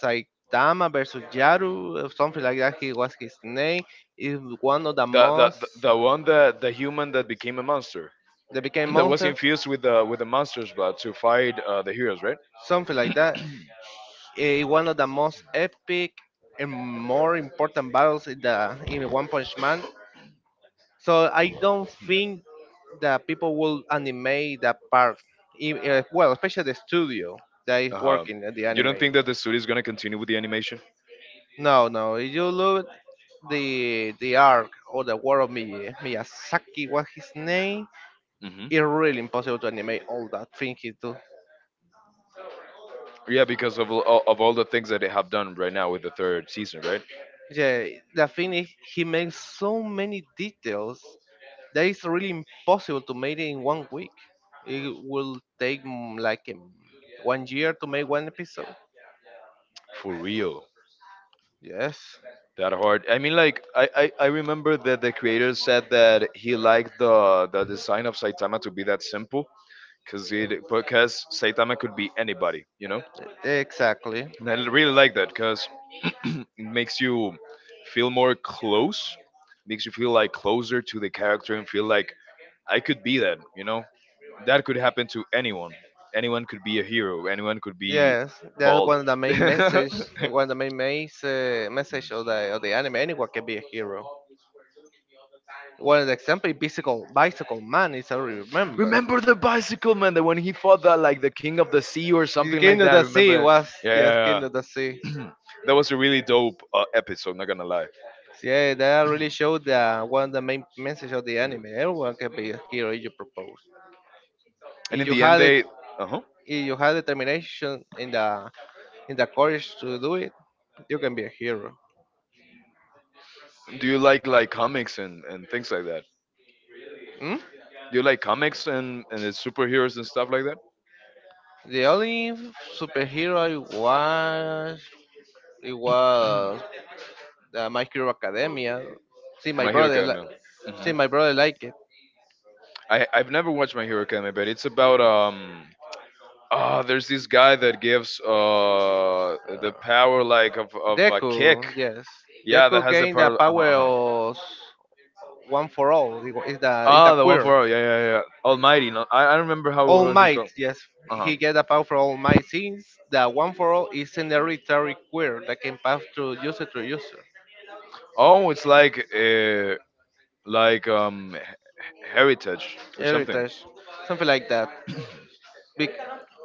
Speaker 2: Saitama versus Yaru, or something like that. He was his name. Is one of the
Speaker 1: The, the the
Speaker 2: most.
Speaker 1: the one that the human that became a monster
Speaker 2: They became
Speaker 1: that was
Speaker 2: monster,
Speaker 1: infused with the monster's blood to fight the heroes, right?
Speaker 2: something like that. One of the most epic and more important battles in the in One Punch Man. So I don't think that people will animate that part. Well, especially the studio that is
Speaker 1: Uh huh.
Speaker 2: working at the
Speaker 1: You don't
Speaker 2: anime.
Speaker 1: think that the studio is gonna continue with the animation?
Speaker 2: No, no. If you look the arc or the world of Miyazaki, what his name?
Speaker 1: Mm-hmm.
Speaker 2: It's really impossible to animate all that thing he do.
Speaker 1: Yeah, because of all the things that they have done right now with the third season, right?
Speaker 2: Yeah, the thing is he makes so many details that is really impossible to make it in one week. It will take one year to make one episode.
Speaker 1: For real.
Speaker 2: Yes,
Speaker 1: That hard. I mean, like I remember that the creator said that he liked the design of Saitama to be that simple, cause it because Saitama could be anybody, you know.
Speaker 2: exactly.
Speaker 1: And I really like that because it makes you feel more close, makes you feel like closer to the character and feel like I could be that, you know. That could happen to anyone. Anyone could be a hero. Anyone could be
Speaker 2: Yes, that's
Speaker 1: bald.
Speaker 2: one of the main message. One of the main message of the anime. Anyone can be a hero. One of the example, bicycle man is I remember.
Speaker 1: Remember the bicycle man, that when he fought that like the king of the sea or
Speaker 2: The
Speaker 1: something like
Speaker 2: King of
Speaker 1: that.
Speaker 2: the Sea
Speaker 1: Remember?
Speaker 2: was, yes,
Speaker 1: Yeah,
Speaker 2: King of the Sea.
Speaker 1: that was a really dope episode. Not gonna lie.
Speaker 2: So, yeah, that really showed the one of the main message of the anime. Everyone can be a hero if you propose. If
Speaker 1: And in
Speaker 2: you
Speaker 1: the end,
Speaker 2: had it,
Speaker 1: they. Uh huh.
Speaker 2: if you have determination in the courage to do it, you can be a hero.
Speaker 1: Do you like comics and things like that?
Speaker 2: Hmm?
Speaker 1: Do you like comics and the superheroes and stuff like that?
Speaker 2: The only superhero I was, it was the My Hero Academia. See my
Speaker 1: My Hero
Speaker 2: brother, li-
Speaker 1: Academia. Hmm.
Speaker 2: See my brother like it.
Speaker 1: I I've never watched My Hero Academia, but it's about. Ah, there's this guy that gives
Speaker 2: Uh,
Speaker 1: the power like of a
Speaker 2: Deku,
Speaker 1: kick.
Speaker 2: yes,
Speaker 1: Yeah,
Speaker 2: Deku
Speaker 1: that has the
Speaker 2: gained the
Speaker 1: power. Uh-huh,
Speaker 2: power
Speaker 1: uh-huh.
Speaker 2: of one for all. Is the
Speaker 1: Ah, the one
Speaker 2: queer.
Speaker 1: for, yeah, yeah, yeah, yeah. Almighty. No, I remember
Speaker 2: All
Speaker 1: how is it
Speaker 2: Might,
Speaker 1: called.
Speaker 2: yes,
Speaker 1: Uh huh.
Speaker 2: he get the power for All Might since the One for All is an hereditary quirk that can pass through user to user.
Speaker 1: Oh, it's like heritage or something.
Speaker 2: Heritage, something like that. Be-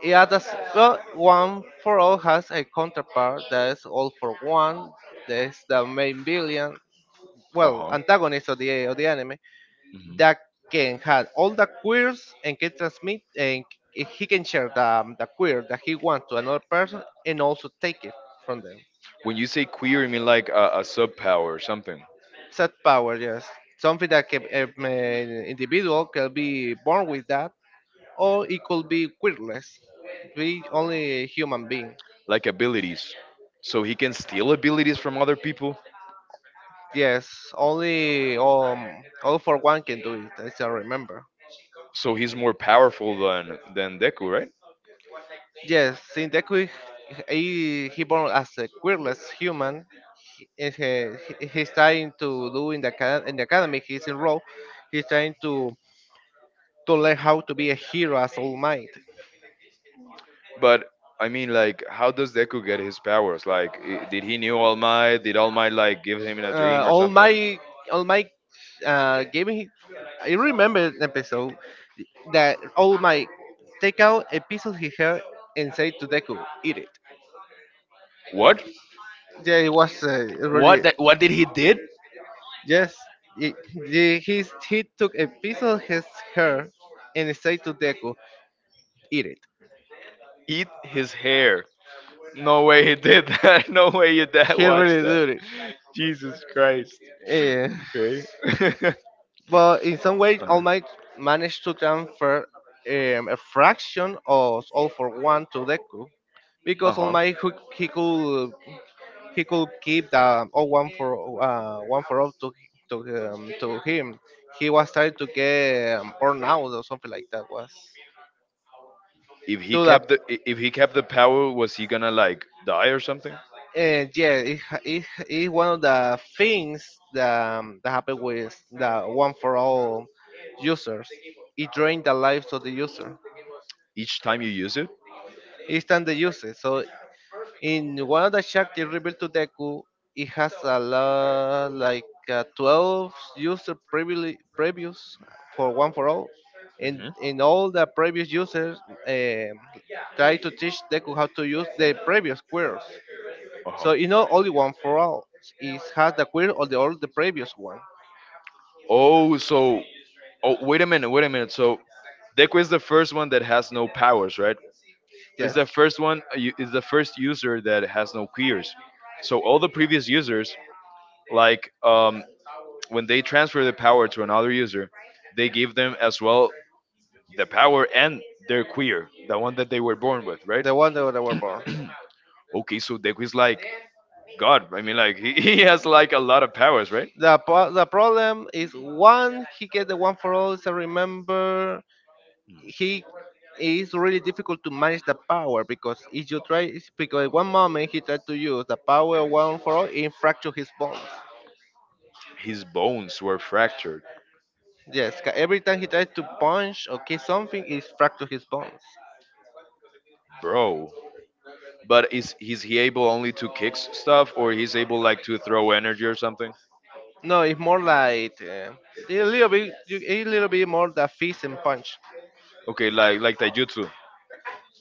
Speaker 2: yeah, that's, well, One for All has a counterpart that is All for One, that is the main villain,
Speaker 1: Uh
Speaker 2: well,
Speaker 1: huh.
Speaker 2: antagonist of the anime
Speaker 1: Hmm.
Speaker 2: that can have all the queers and can transmit and he can share the queer that he wants to another person and also take it from them.
Speaker 1: When you say queer, you mean like a sub power or something,
Speaker 2: Set power, yes. Something that can, an individual can be born with that, or it could be quirkless, be only human being.
Speaker 1: like abilities. So he can steal abilities from other people.
Speaker 2: Yes, only all for one can do it, as I still remember.
Speaker 1: So he's more powerful than Deku, right?
Speaker 2: Yes, in the quick, he born as a queerless human, and he, he's trying to do in the in the academy. He's in role. He's trying to learn how to be a hero as All Might.
Speaker 1: But I mean, like, how does Deku get his powers? Like, did he knew All Might? Did All Might like give him in a
Speaker 2: Uh,
Speaker 1: dream or
Speaker 2: all
Speaker 1: something?
Speaker 2: my all my gaming. I remember an episode that all my take out a piece of his hair and say to Deku, eat it.
Speaker 1: What?
Speaker 2: Yeah, it was
Speaker 1: What
Speaker 2: really,
Speaker 1: that? What did he did?
Speaker 2: yes. He took a piece of his hair and said to Deku, eat it.
Speaker 1: Eat his hair. No way he did that. No way your dad
Speaker 2: He
Speaker 1: watched
Speaker 2: really
Speaker 1: that.
Speaker 2: did it.
Speaker 1: Jesus Christ.
Speaker 2: Yeah.
Speaker 1: Okay.
Speaker 2: But in some way, All
Speaker 1: Uh-huh.
Speaker 2: Might managed to transfer a fraction of All for One to Deku because All
Speaker 1: Uh-huh.
Speaker 2: Might who, he could keep the one for all to to him. He was trying to get burned out or something like that. Was
Speaker 1: If he
Speaker 2: to the
Speaker 1: kept the power, was he gonna like die or something?
Speaker 2: yeah, it it one of the things that that happened with the one for all users. It drained the lives of the user.
Speaker 1: Each time you use it?
Speaker 2: It than the user, so in one of the shacks they revealed to Deku, it has a lot like 12 user previously previews for one for all,
Speaker 1: Hmm.
Speaker 2: and all the previous users um try to teach Deku how to use the previous queers. So
Speaker 1: Uh-huh. x
Speaker 2: you know only one for all. It has the queer or the all the previous one.
Speaker 1: previous. Oh, so, oh, wait a minute, wait a minute. So Deku is the first one that has no powers, right? Is
Speaker 2: Yes,
Speaker 1: the first one is the first user that has no queers. So all the previous users like when they transfer the power to another user, they give them as well the power and their queer, the one that they were born with, right?
Speaker 2: the one that were born.
Speaker 1: Okay, so Deku is like God. I mean, like he, he has like a lot of powers, right?
Speaker 2: The the problem is one he get the one for all is I remember he is really difficult to manage the power because if you try, because one moment he tried to use the power one for all, it fracture his bones.
Speaker 1: His bones were fractured.
Speaker 2: Yes, every time he tries to punch or kick something, it fracture his bones.
Speaker 1: Bro. But is he able only to kick stuff, or he's able like to throw energy or something?
Speaker 2: No, it's more like a little bit a little bit more the fist and punch.
Speaker 1: Okay, like taijutsu.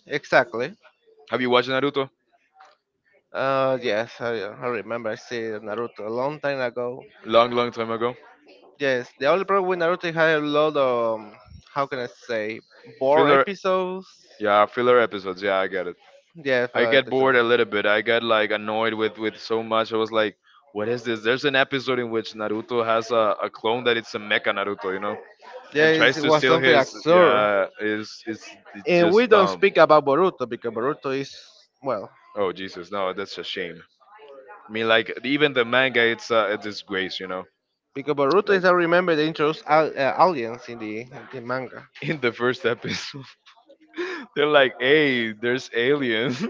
Speaker 2: Exactly.
Speaker 1: Have you watched Naruto?
Speaker 2: Yes, I remember I see Naruto a long time ago.
Speaker 1: Long, long time ago.
Speaker 2: Yes, the only problem with Naruto had a lot of how can I say, bore
Speaker 1: Filler.
Speaker 2: episodes.
Speaker 1: Yeah, filler episodes, yeah, I get it.
Speaker 2: Yeah, for
Speaker 1: I
Speaker 2: final
Speaker 1: get
Speaker 2: episode.
Speaker 1: bored a little bit. I get like annoyed with so much. I was like, what is this? There's an episode in which Naruto has a clone that it's a mecha Naruto, you know, and
Speaker 2: Yes,
Speaker 1: tries
Speaker 2: it
Speaker 1: to
Speaker 2: was
Speaker 1: steal
Speaker 2: something
Speaker 1: his.
Speaker 2: absurd.
Speaker 1: Yeah, is it's
Speaker 2: And we
Speaker 1: just
Speaker 2: don't
Speaker 1: dumb.
Speaker 2: speak about Boruto because Boruto is, well,
Speaker 1: Oh Jesus, no, that's a shame. I mean, like even the manga, it's a disgrace, you know.
Speaker 2: because Boruto is
Speaker 1: Like
Speaker 2: I remember they introduced aliens in the manga.
Speaker 1: in the first episode. They're like, hey, there's aliens.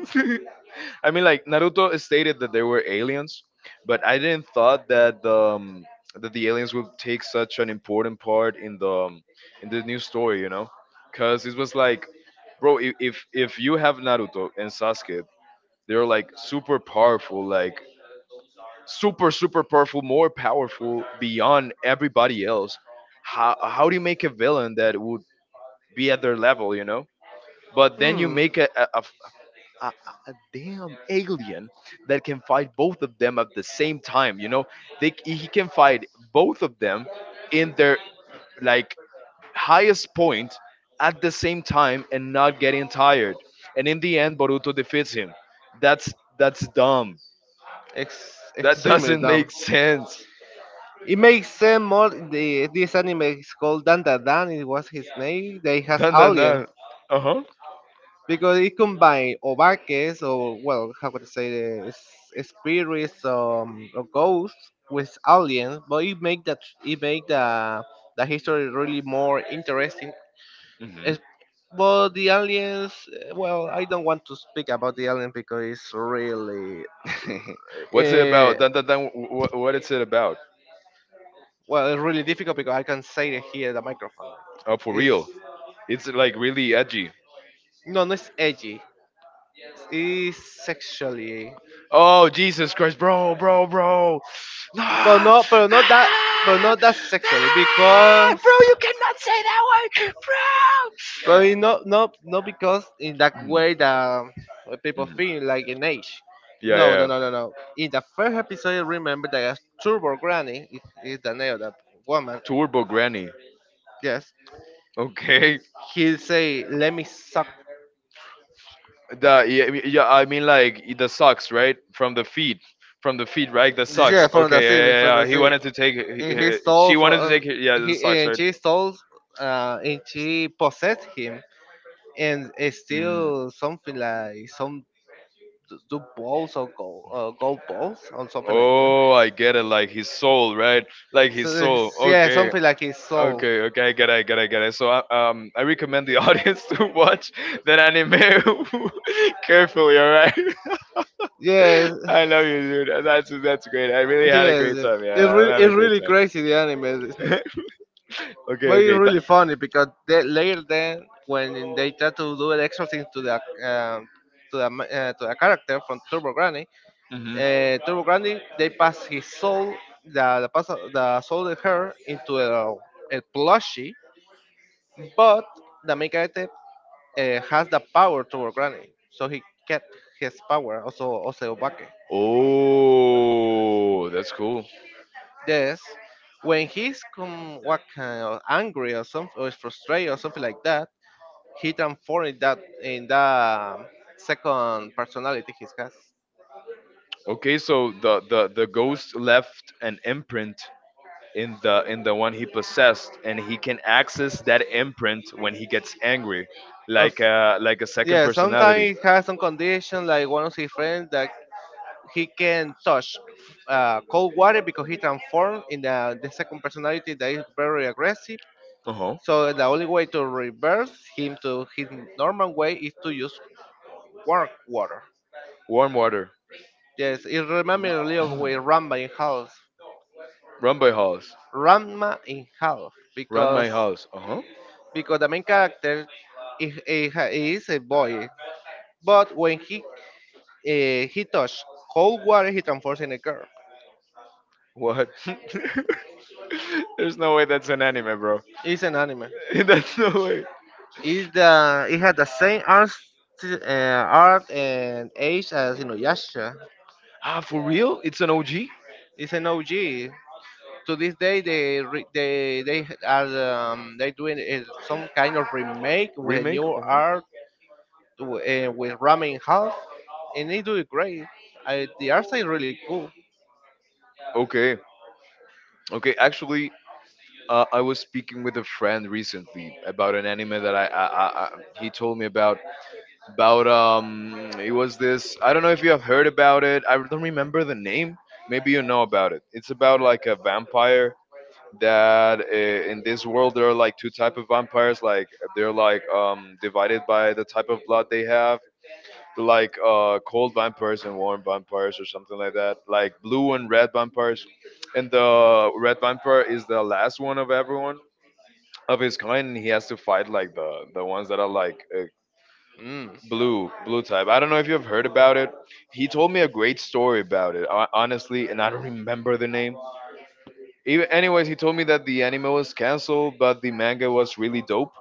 Speaker 1: I mean, like Naruto stated that there were aliens, but I didn't thought that the aliens would take such an important part in the new story. You know, because it was like, bro, if you have Naruto and Sasuke, they're like super powerful, like super super powerful, more powerful beyond everybody else. How do you make a villain that would be at their level? You know, but then you
Speaker 2: Hmm,
Speaker 1: make a a, a damn alien that can fight both of them at the same time. You know, he can fight both of them in their like highest point at the same time and not getting tired. And in the end, Boruto defeats him. That's dumb. That
Speaker 2: extremely
Speaker 1: doesn't
Speaker 2: dumb.
Speaker 1: make sense.
Speaker 2: It makes sense more. The, this anime is called Dan Dan Dan. It was his name. They has
Speaker 1: Dun dun
Speaker 2: alien
Speaker 1: dun. Uh huh.
Speaker 2: because it combines obaques or, well, how could I say this, spirits or ghosts with aliens, but it make that it make the history really more interesting.
Speaker 1: Hmm.
Speaker 2: Es- but the aliens, well, I don't want to speak about the alien because it's really
Speaker 1: What's it
Speaker 2: uh,
Speaker 1: about? Dun dun dun. What is it about?
Speaker 2: well, it's really difficult because I can say it here, the microphone,
Speaker 1: Oh, for
Speaker 2: it's
Speaker 1: real? It's like really edgy.
Speaker 2: no, no, it's edgy, it's sexually.
Speaker 1: Oh Jesus Christ, bro, bro, bro.
Speaker 2: But
Speaker 1: No,
Speaker 2: not, but
Speaker 1: no,
Speaker 2: not that, but not that sexually
Speaker 1: no,
Speaker 2: because,
Speaker 1: bro, you cannot say that word, bro.
Speaker 2: but it
Speaker 1: Mm,
Speaker 2: not, not, not because in that way that people
Speaker 1: mm.
Speaker 2: feel like in age.
Speaker 1: Yeah,
Speaker 2: No, no,
Speaker 1: yeah.
Speaker 2: no, no, no. In the first episode, I remember that Turbo Granny is the name of that woman.
Speaker 1: Turbo Granny.
Speaker 2: Yes,
Speaker 1: Okay.
Speaker 2: he say, "Let me suck."
Speaker 1: The, yeah, yeah, I mean like the socks, right? From the feet, right? The
Speaker 2: Yeah,
Speaker 1: socks.
Speaker 2: from the
Speaker 1: Okay, yeah,
Speaker 2: sea,
Speaker 1: yeah,
Speaker 2: from the
Speaker 1: yeah. He
Speaker 2: sea.
Speaker 1: wanted to take,
Speaker 2: And he stole
Speaker 1: she
Speaker 2: from
Speaker 1: wanted to take, yeah,
Speaker 2: he
Speaker 1: the socks,
Speaker 2: and
Speaker 1: right?
Speaker 2: she stole, and she possessed him, and it's
Speaker 1: Mm.
Speaker 2: still something like some the balls or gold, gold balls or something like that.
Speaker 1: Oh, I get it. Like his soul, right? Like
Speaker 2: So
Speaker 1: his soul.
Speaker 2: it's- yeah,
Speaker 1: Okay.
Speaker 2: something like his soul.
Speaker 1: Okay, okay, I get it, I get it, I get it. So, I recommend the audience to watch that anime carefully. All right.
Speaker 2: Yes,
Speaker 1: I love you, dude. That's great. I really had a great
Speaker 2: yes.
Speaker 1: time.
Speaker 2: It
Speaker 1: Yeah, I'm
Speaker 2: really,
Speaker 1: having
Speaker 2: it's
Speaker 1: a great
Speaker 2: really crazy the anime,
Speaker 1: time. Okay,
Speaker 2: but it's
Speaker 1: okay.
Speaker 2: really funny because they, later then when they try to do an extra thing to the um to the to the character from Turbo Granny,
Speaker 1: That,
Speaker 2: Turbo Granny, they pass his soul, the, pass, the soul of her into a plushie, but the main character has the power to Granny, so he kept his power, also Oseobake.
Speaker 1: oh, that's cool.
Speaker 2: Yes, when he's come what kind of angry or something, or is frustrated or something like that, he transformed that in the second personality he has.
Speaker 1: Okay, so the ghost left an imprint in the one he possessed, and he can access that imprint when he gets angry,
Speaker 2: Or
Speaker 1: like a second
Speaker 2: yeah, sometimes
Speaker 1: personality.
Speaker 2: he has some condition like one of his friends that he can touch cold water because he transformed in the second personality that is very aggressive.
Speaker 1: Uh huh.
Speaker 2: So the only way to reverse him to his normal way is to use warm water.
Speaker 1: Warm water.
Speaker 2: Yes, it reminds me a little with Ramba in House.
Speaker 1: Run by house.
Speaker 2: Ramba in House,
Speaker 1: Run my house. Uh huh.
Speaker 2: because the main character is a boy, but when he touch cold water, he transforms in a girl.
Speaker 1: What? There's no way that's an anime, bro.
Speaker 2: It's an anime.
Speaker 1: That's no way.
Speaker 2: It's the it had the same art uh, art and age as Inuyasha.
Speaker 1: Ah, for real? It's an OG
Speaker 2: It's an OG. To this day they they are they doing is some kind of remake with
Speaker 1: remake.
Speaker 2: new
Speaker 1: Oh.
Speaker 2: art with ramen house and they do it great. I, the art is really cool.
Speaker 1: Okay. Okay. Actually, I was speaking with a friend recently about an anime that I he told me about. About it was this. I don't know if you have heard about it. I don't remember the name. Maybe you know about it. It's about like a vampire that in this world there are like two type of vampires like they're like divided by the type of blood they have like cold vampires and warm vampires or something like that, like blue and red vampires. And the red vampire is the last one of everyone of his kind, and he has to fight like the ones that are like
Speaker 2: Mm.
Speaker 1: blue type. I don't know if you've heard about it. He told me a great story about it, honestly, and I don't remember the name even. Anyways, he told me that the anime was canceled, but the manga was really dope.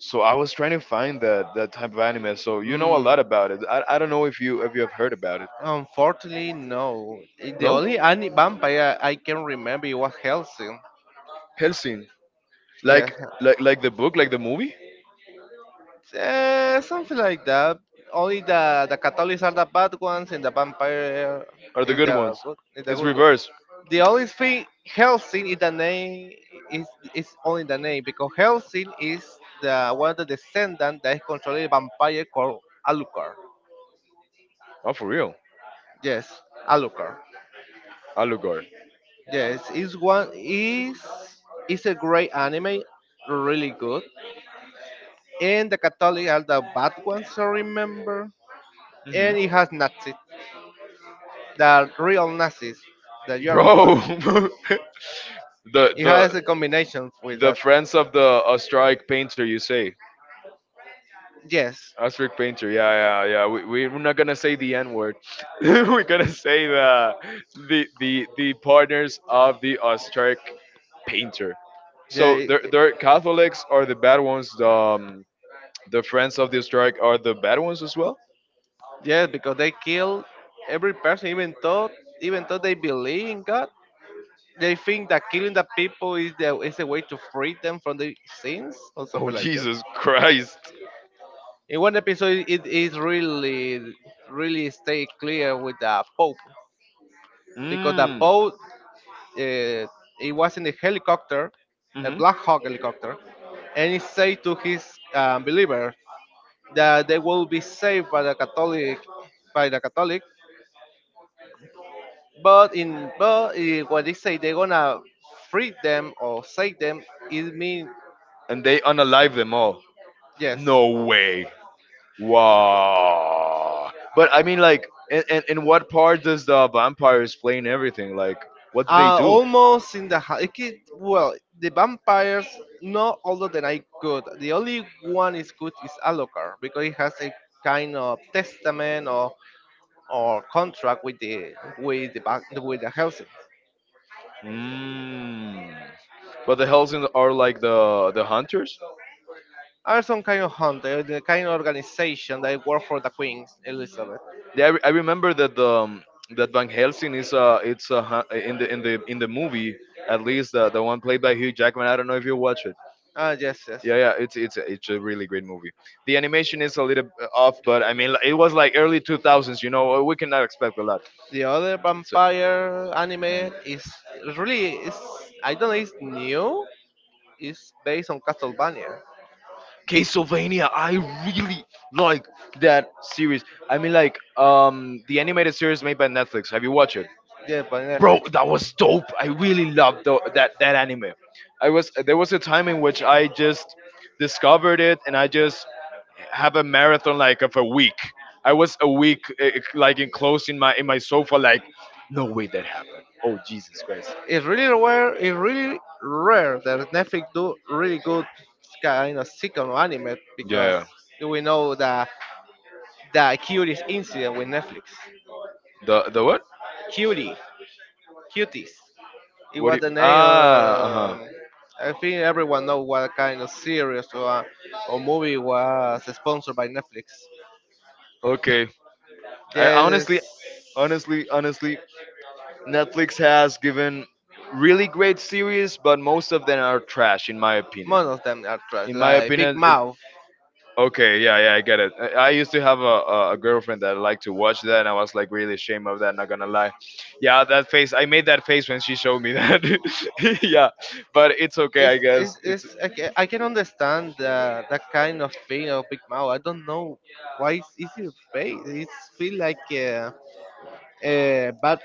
Speaker 1: So I was trying to find that type of anime. So you know a
Speaker 2: Mm.
Speaker 1: lot about it. I don't know if you have heard about it.
Speaker 2: Unfortunately no, the
Speaker 1: No,
Speaker 2: only any vampire I can remember, it was Helsing.
Speaker 1: Helsing,
Speaker 2: Yeah.
Speaker 1: like, like the book, like the movie,
Speaker 2: Something like that. Only the Catholics are the bad ones, and the vampire
Speaker 1: are the good ones.
Speaker 2: is the
Speaker 1: It's
Speaker 2: good one.
Speaker 1: reverse.
Speaker 2: The only thing Helsing is the name is is only the name because Helsing is the one of the descendant that is controlling a vampire called Alucard.
Speaker 1: Oh, for real,
Speaker 2: Yes, Alucard.
Speaker 1: Alucard.
Speaker 2: Yes, is one is a great anime, really good. And the Catholic are the bad ones, I remember.
Speaker 1: Hmm.
Speaker 2: And it has Nazis. The real Nazis, the German
Speaker 1: Bro,
Speaker 2: ones.
Speaker 1: the
Speaker 2: It has
Speaker 1: the
Speaker 2: a combination with
Speaker 1: the
Speaker 2: that.
Speaker 1: friends of the strike painter. You say
Speaker 2: Yes,
Speaker 1: Ostrich painter. Yeah, yeah, yeah. We're not gonna say the N word. We're gonna say the the partners of the Ostrich painter. So
Speaker 2: yeah,
Speaker 1: they're Catholics are the bad ones. The the friends of the Ostrich are the bad ones as well.
Speaker 2: yes, because they kill every person, even though they believe in God, they think that killing the people is the is a way to free them from the sins or
Speaker 1: Oh
Speaker 2: something like that.
Speaker 1: Jesus Christ.
Speaker 2: In one episode, it is really stay clear with the Pope because the
Speaker 1: Mm.
Speaker 2: Pope uh, it was in a helicopter, a
Speaker 1: Hmm.
Speaker 2: Black Hawk helicopter, and he said to his believers that they will be saved by the Catholic, by the Catholic. But when they say they're gonna free them or save them, it means
Speaker 1: And they unalive them all.
Speaker 2: yes.
Speaker 1: No way. Wow. But I mean, like, and what part does the vampires play in everything? Like, what do they do?
Speaker 2: Almost in the ha- it, could- well, The vampires not all of them are good. The only one is good is Alucard because he has a kind of testament or contract with the bank with the housing.
Speaker 1: Mm. But the Helsing are like the hunters.
Speaker 2: Are some kind of hunter, the kind of organization that work for the Queen Elizabeth.
Speaker 1: Yeah, I remember that the that Van Helsing is it's in the movie, at least the one played by Hugh Jackman. I don't know if you watch it.
Speaker 2: Ah yes, yes.
Speaker 1: Yeah, yeah, it's a really great movie. The animation is a little off, but I mean, it was like early two thousands. You know, we cannot expect a lot.
Speaker 2: The other
Speaker 1: So.
Speaker 2: vampire
Speaker 1: Mm-hmm.
Speaker 2: anime is really is I don't know it's new. It's based on Castlevania.
Speaker 1: Castlevania, I really like that series. I mean, like the animated series made by Netflix. Have you watched it,
Speaker 2: Yeah, by
Speaker 1: bro?
Speaker 2: Netflix.
Speaker 1: That was dope. I really loved that anime. I was There was a time in which I just discovered it, and I just have a marathon like of a week. I was a week like enclosed in my sofa, like no way that happened. Oh Jesus Christ!
Speaker 2: It's really rare that Netflix do really good kind of second anime
Speaker 1: Yeah,
Speaker 2: because
Speaker 1: yeah.
Speaker 2: we know the curious incident with Netflix.
Speaker 1: The what?
Speaker 2: Curie. Cuties. It
Speaker 1: What do
Speaker 2: was
Speaker 1: you?
Speaker 2: the name.
Speaker 1: Ah, uh huh.
Speaker 2: I think everyone know what kind of series or movie was sponsored by Netflix.
Speaker 1: Okay. I,
Speaker 2: There's
Speaker 1: honestly, honestly, Netflix has given really great series, but most of them are trash, in my opinion.
Speaker 2: most of them are trash,
Speaker 1: In my
Speaker 2: like Big
Speaker 1: opinion, it-
Speaker 2: Mouth.
Speaker 1: okay, yeah, yeah, I get it. I used to have a girlfriend that liked to watch that, and I was like really ashamed of that. Not gonna lie, yeah, that face. I made that face when she showed me that. Yeah, but it's okay, I guess. It's
Speaker 2: I can understand that kind of thing of Big Mouth. I don't know why it's easier to pay. It feels like a bad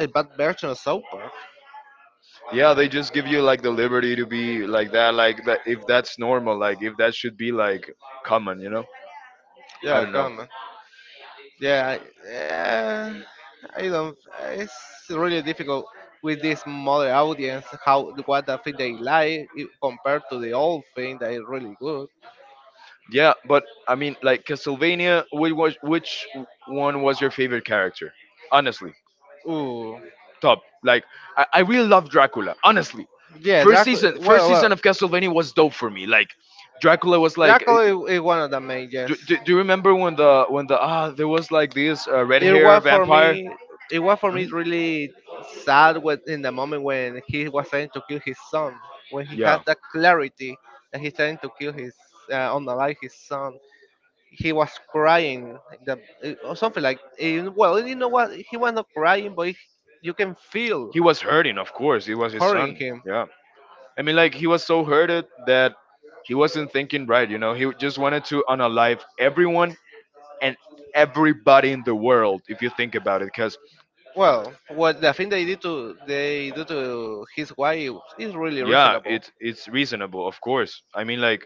Speaker 2: a bad version of South Park.
Speaker 1: yeah, they just give you like the liberty to be like that, If that's normal, like if that should be like common, you know. I
Speaker 2: Yeah,
Speaker 1: don't know.
Speaker 2: come. Yeah. I don't. It's really difficult with this modern audience. How what the thing they like compared to the old thing that is really good.
Speaker 1: Yeah, but I mean, like Castlevania, which one was your favorite character? Honestly,
Speaker 2: Ooh,
Speaker 1: top. Like, I really love Dracula. Honestly,
Speaker 2: yeah, Dracula.
Speaker 1: first
Speaker 2: Well,
Speaker 1: season
Speaker 2: well,
Speaker 1: of Castlevania was dope for me. Like, Dracula was like,
Speaker 2: Dracula is one of the main. Yes,
Speaker 1: do you remember when the ah there was like this red
Speaker 2: it
Speaker 1: hair
Speaker 2: was for
Speaker 1: vampire?
Speaker 2: me. It was for me
Speaker 1: Mhm.
Speaker 2: really sad when, in the moment when he was trying to kill his son. When he has
Speaker 1: Yeah,
Speaker 2: that clarity that he's trying to kill his, unalive his son. He was crying like or something like well you know what, he was not crying but you can feel
Speaker 1: he was hurting. Of course, it was his
Speaker 2: hurting
Speaker 1: son.
Speaker 2: him.
Speaker 1: Yeah, I mean, like he was so hurted that he wasn't thinking right. You know, he just wanted to unalive everyone and everybody in the world if you think about it, because
Speaker 2: Well what the thing they did to they do to his wife is really
Speaker 1: yeah,
Speaker 2: reasonable.
Speaker 1: it's reasonable, of course. I mean, like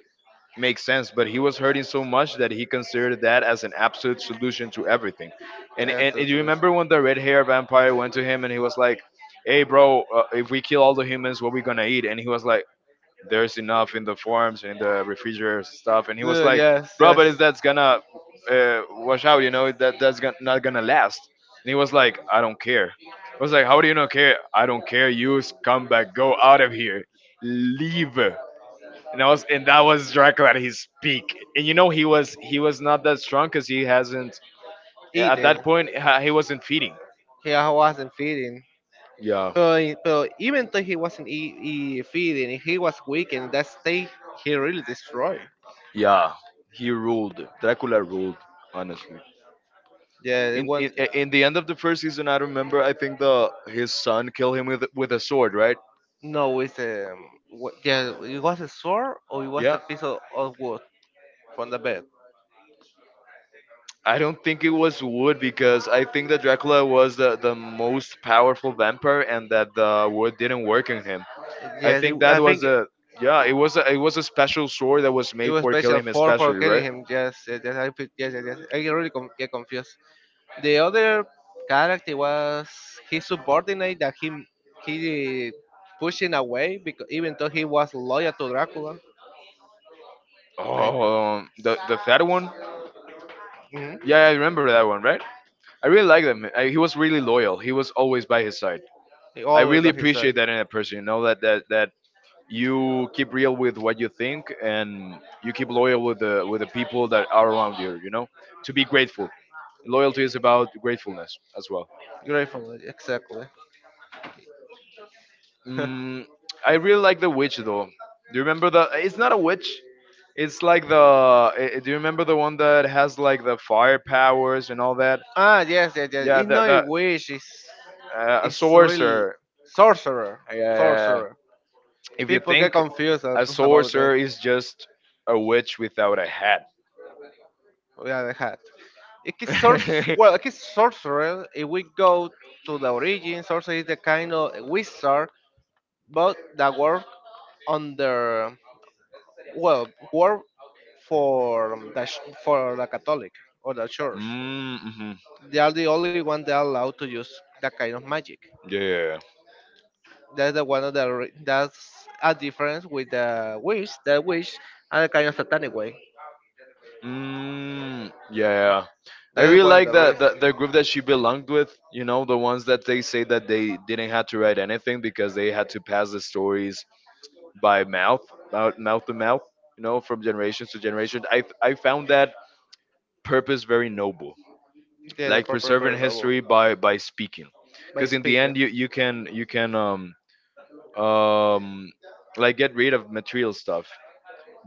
Speaker 1: makes sense, but he was hurting so much that he considered that as an absolute solution to everything. and
Speaker 2: That's
Speaker 1: and, and
Speaker 2: also
Speaker 1: you
Speaker 2: reason.
Speaker 1: remember when the red hair vampire went to him and he was like, hey bro, if we kill all the humans, what we gonna eat? And he was like, there's enough in the forms and in the refrigerators and stuff. And he was like,
Speaker 2: Yes,
Speaker 1: bro, but
Speaker 2: yes,
Speaker 1: is that's gonna wash out, you know, that that's gonna, not gonna last. And he was like, I don't care. I was like, how do you not care? I don't care, you scumbag, go out of here, leave. And I was, and that was Dracula at his peak. And you know, he was not that strong because he hasn't at
Speaker 2: eating.
Speaker 1: that point he wasn't feeding.
Speaker 2: He wasn't feeding.
Speaker 1: Yeah.
Speaker 2: But even though he wasn't feeding he was weak in that state. He really destroyed,
Speaker 1: Yeah, he ruled. Dracula ruled, honestly.
Speaker 2: yeah it
Speaker 1: In,
Speaker 2: won't.
Speaker 1: in the end of the first season, I remember. I think the his son killed him with a sword, right?
Speaker 2: No, it's a yeah. It was a sword or it was a
Speaker 1: Yeah.
Speaker 2: piece of wood from the bed.
Speaker 1: I don't think it was wood because I think that Dracula was the most powerful vampire, and that the wood didn't work on him. I
Speaker 2: Yes, it,
Speaker 1: think that
Speaker 2: I
Speaker 1: was
Speaker 2: think it,
Speaker 1: a yeah. It was a special sword that was
Speaker 2: it
Speaker 1: made
Speaker 2: was
Speaker 1: for
Speaker 2: special
Speaker 1: killing him
Speaker 2: for
Speaker 1: especially,
Speaker 2: killing
Speaker 1: right?
Speaker 2: him. Yes, yes, yes, yes, yes, yes. Get confused. The other character was his subordinate that he pushing away because even though he was loyal to Dracula, I
Speaker 1: Oh, the fat one.
Speaker 2: mhm,
Speaker 1: Yeah, I remember that one, right? I really like him. I, he was really loyal. He was always by his side.
Speaker 2: he
Speaker 1: I
Speaker 2: always
Speaker 1: really
Speaker 2: by his side.
Speaker 1: appreciate that in a person. You know that you keep real with what you think, and you keep loyal with the people that are around you, you know, to be grateful. Loyalty is about gratefulness as well.
Speaker 2: Grateful, exactly.
Speaker 1: Mm. I really like the witch, though. Do you remember the, it's not a witch, it's like the do you remember the one that has like the fire powers and all that?
Speaker 2: Ah, yes, yes, yes.
Speaker 1: Yeah,
Speaker 2: It's
Speaker 1: that
Speaker 2: not a
Speaker 1: that
Speaker 2: wish.
Speaker 1: a
Speaker 2: It's real
Speaker 1: sorcerer.
Speaker 2: sorcerer,
Speaker 1: uh,
Speaker 2: sorcerer.
Speaker 1: if you
Speaker 2: People get
Speaker 1: think,
Speaker 2: confused
Speaker 1: a
Speaker 2: about that.
Speaker 1: sorcerer is just a witch without a hat.
Speaker 2: Yeah, the hat. It is well, it is sorcerer. If we go to the origin, sorcerer is the kind of wizard, but that work under well work for the for the Catholic or the church.
Speaker 1: Mm, hmm.
Speaker 2: They are the only one that are allowed to use that kind of magic.
Speaker 1: Yeah, yeah, yeah.
Speaker 2: That's the one of the that's a difference with the wish, the wish and a kind of satanic way.
Speaker 1: Mm, yeah, yeah. I
Speaker 2: That's
Speaker 1: really
Speaker 2: one of
Speaker 1: like
Speaker 2: the
Speaker 1: that
Speaker 2: risks.
Speaker 1: the group that she belonged with, you know, the ones that they say that they didn't have to write anything because they had to pass the stories by mouth, mouth to mouth, you know, from generation to generation. I found that purpose very noble.
Speaker 2: Yeah, the
Speaker 1: Like
Speaker 2: purple
Speaker 1: preserving
Speaker 2: bird novel
Speaker 1: history by speaking,
Speaker 2: by
Speaker 1: because in the end
Speaker 2: speaking
Speaker 1: you you can um like get rid of material stuff,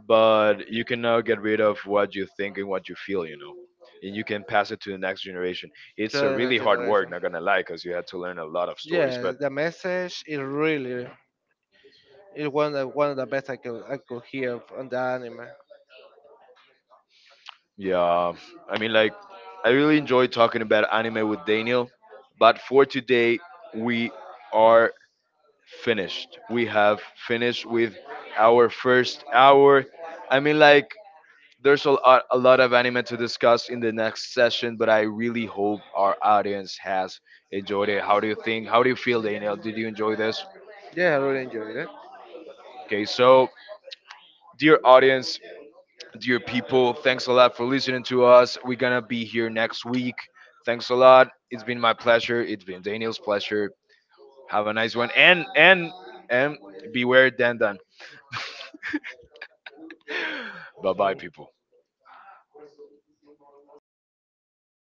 Speaker 1: but you can now get rid of what you think and what you feel, you know, and you can pass it to the next generation.
Speaker 2: to
Speaker 1: It's a
Speaker 2: the
Speaker 1: really
Speaker 2: next
Speaker 1: hard work,
Speaker 2: generation.
Speaker 1: not gonna lie, because you had to learn a lot of stories,
Speaker 2: Yeah,
Speaker 1: but
Speaker 2: the message is really is one of the best I could hear from the anime.
Speaker 1: yeah, I mean, like I really enjoyed talking about anime with Daniel, but for today we are finished. We have finished with our first hour. I mean, like, there's a lot of anime to discuss in the next session, but I really hope our audience has enjoyed it. How do you think? How do you feel, Daniel? Did you enjoy this?
Speaker 2: Yeah, I really enjoyed it.
Speaker 1: Okay, so, dear audience, dear people, thanks a lot for listening to us. We're gonna be here next week. Thanks a lot. It's been my pleasure. It's been Daniel's pleasure. Have a nice one. And beware, Dan Dan. Bye bye, people.